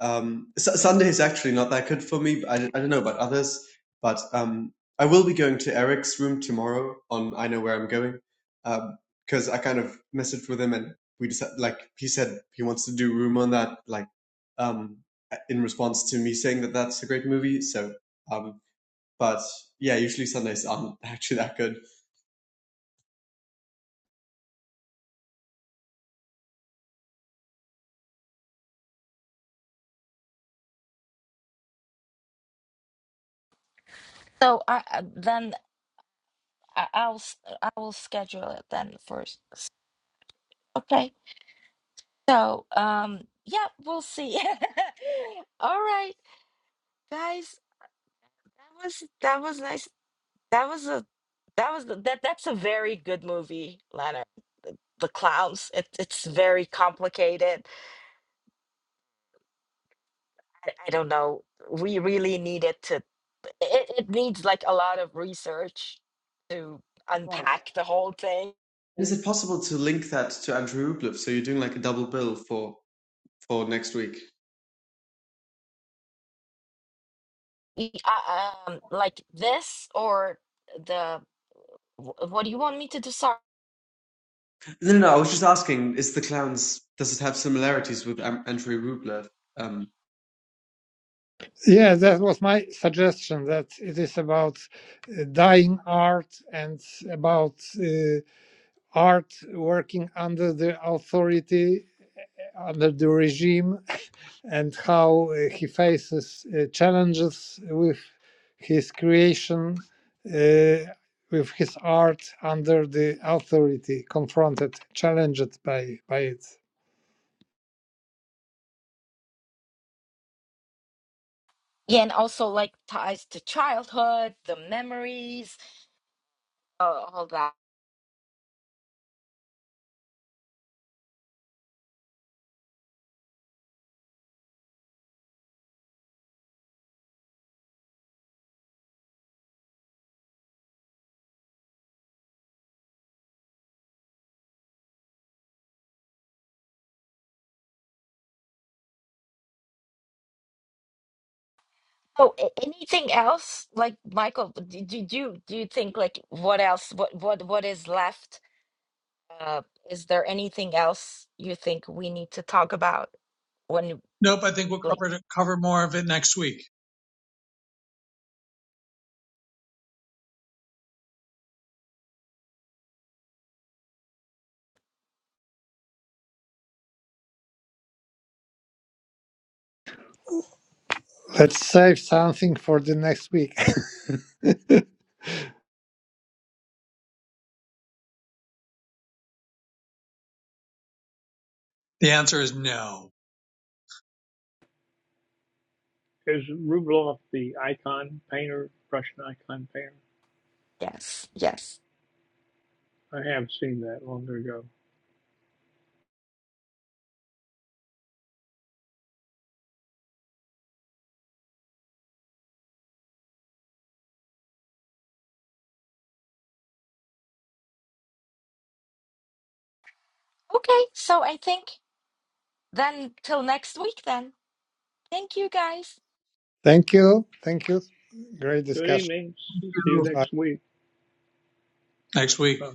Um, S- Sunday is actually not that good for me. but I, I don't know about others, but um, I will be going to Eric's room tomorrow on I Know Where I'm Going because I kind of messaged with him and we just like he said he wants to do room on that like um, in response to me saying that that's a great movie. So, um, but yeah, usually Sundays aren't actually that good. so i I- then I- i'll s- i will schedule it then first okay so um yeah we'll see all right guys that was that was nice That was a that was the- that that's a very good movie, Leonard. The, the clowns. It, it's very complicated. I, I don't know. We really needed to. It, it needs like a lot of research to Right. unpack the whole thing. Is it possible to link that to Andrew Rublev? So you're doing like a double bill for for next week. Y- uh, Um, like this or the wh- what do you want me to do? Sorry. No, no, no. I was just asking: Is the clowns does it have similarities with Am- Andrei Rublev? Um, Yeah, that was my suggestion that it is about uh, dying art and about uh, art working under the authority, under the regime, and how uh, he faces uh, challenges with his creation, uh, with his art under the authority, confronted, challenged by, by it. Yeah, and also like ties to childhood, the memories, uh, all that. Oh, a- anything else? Like Michael, d- did you do you think like what else? What what what is left? Uh, is there anything else you think we need to talk about when Nope, I think we'll like cover cover more of it next week. Let's save something for the next week. The answer is no. Is Rubloff the icon painter, Russian icon painter? yes, yes. I have seen that long ago. Okay, so I think then till next week then. Thank you guys. thank you. Thank you. Great Good discussion. evening. See you Bye. next week. Next week. Uh,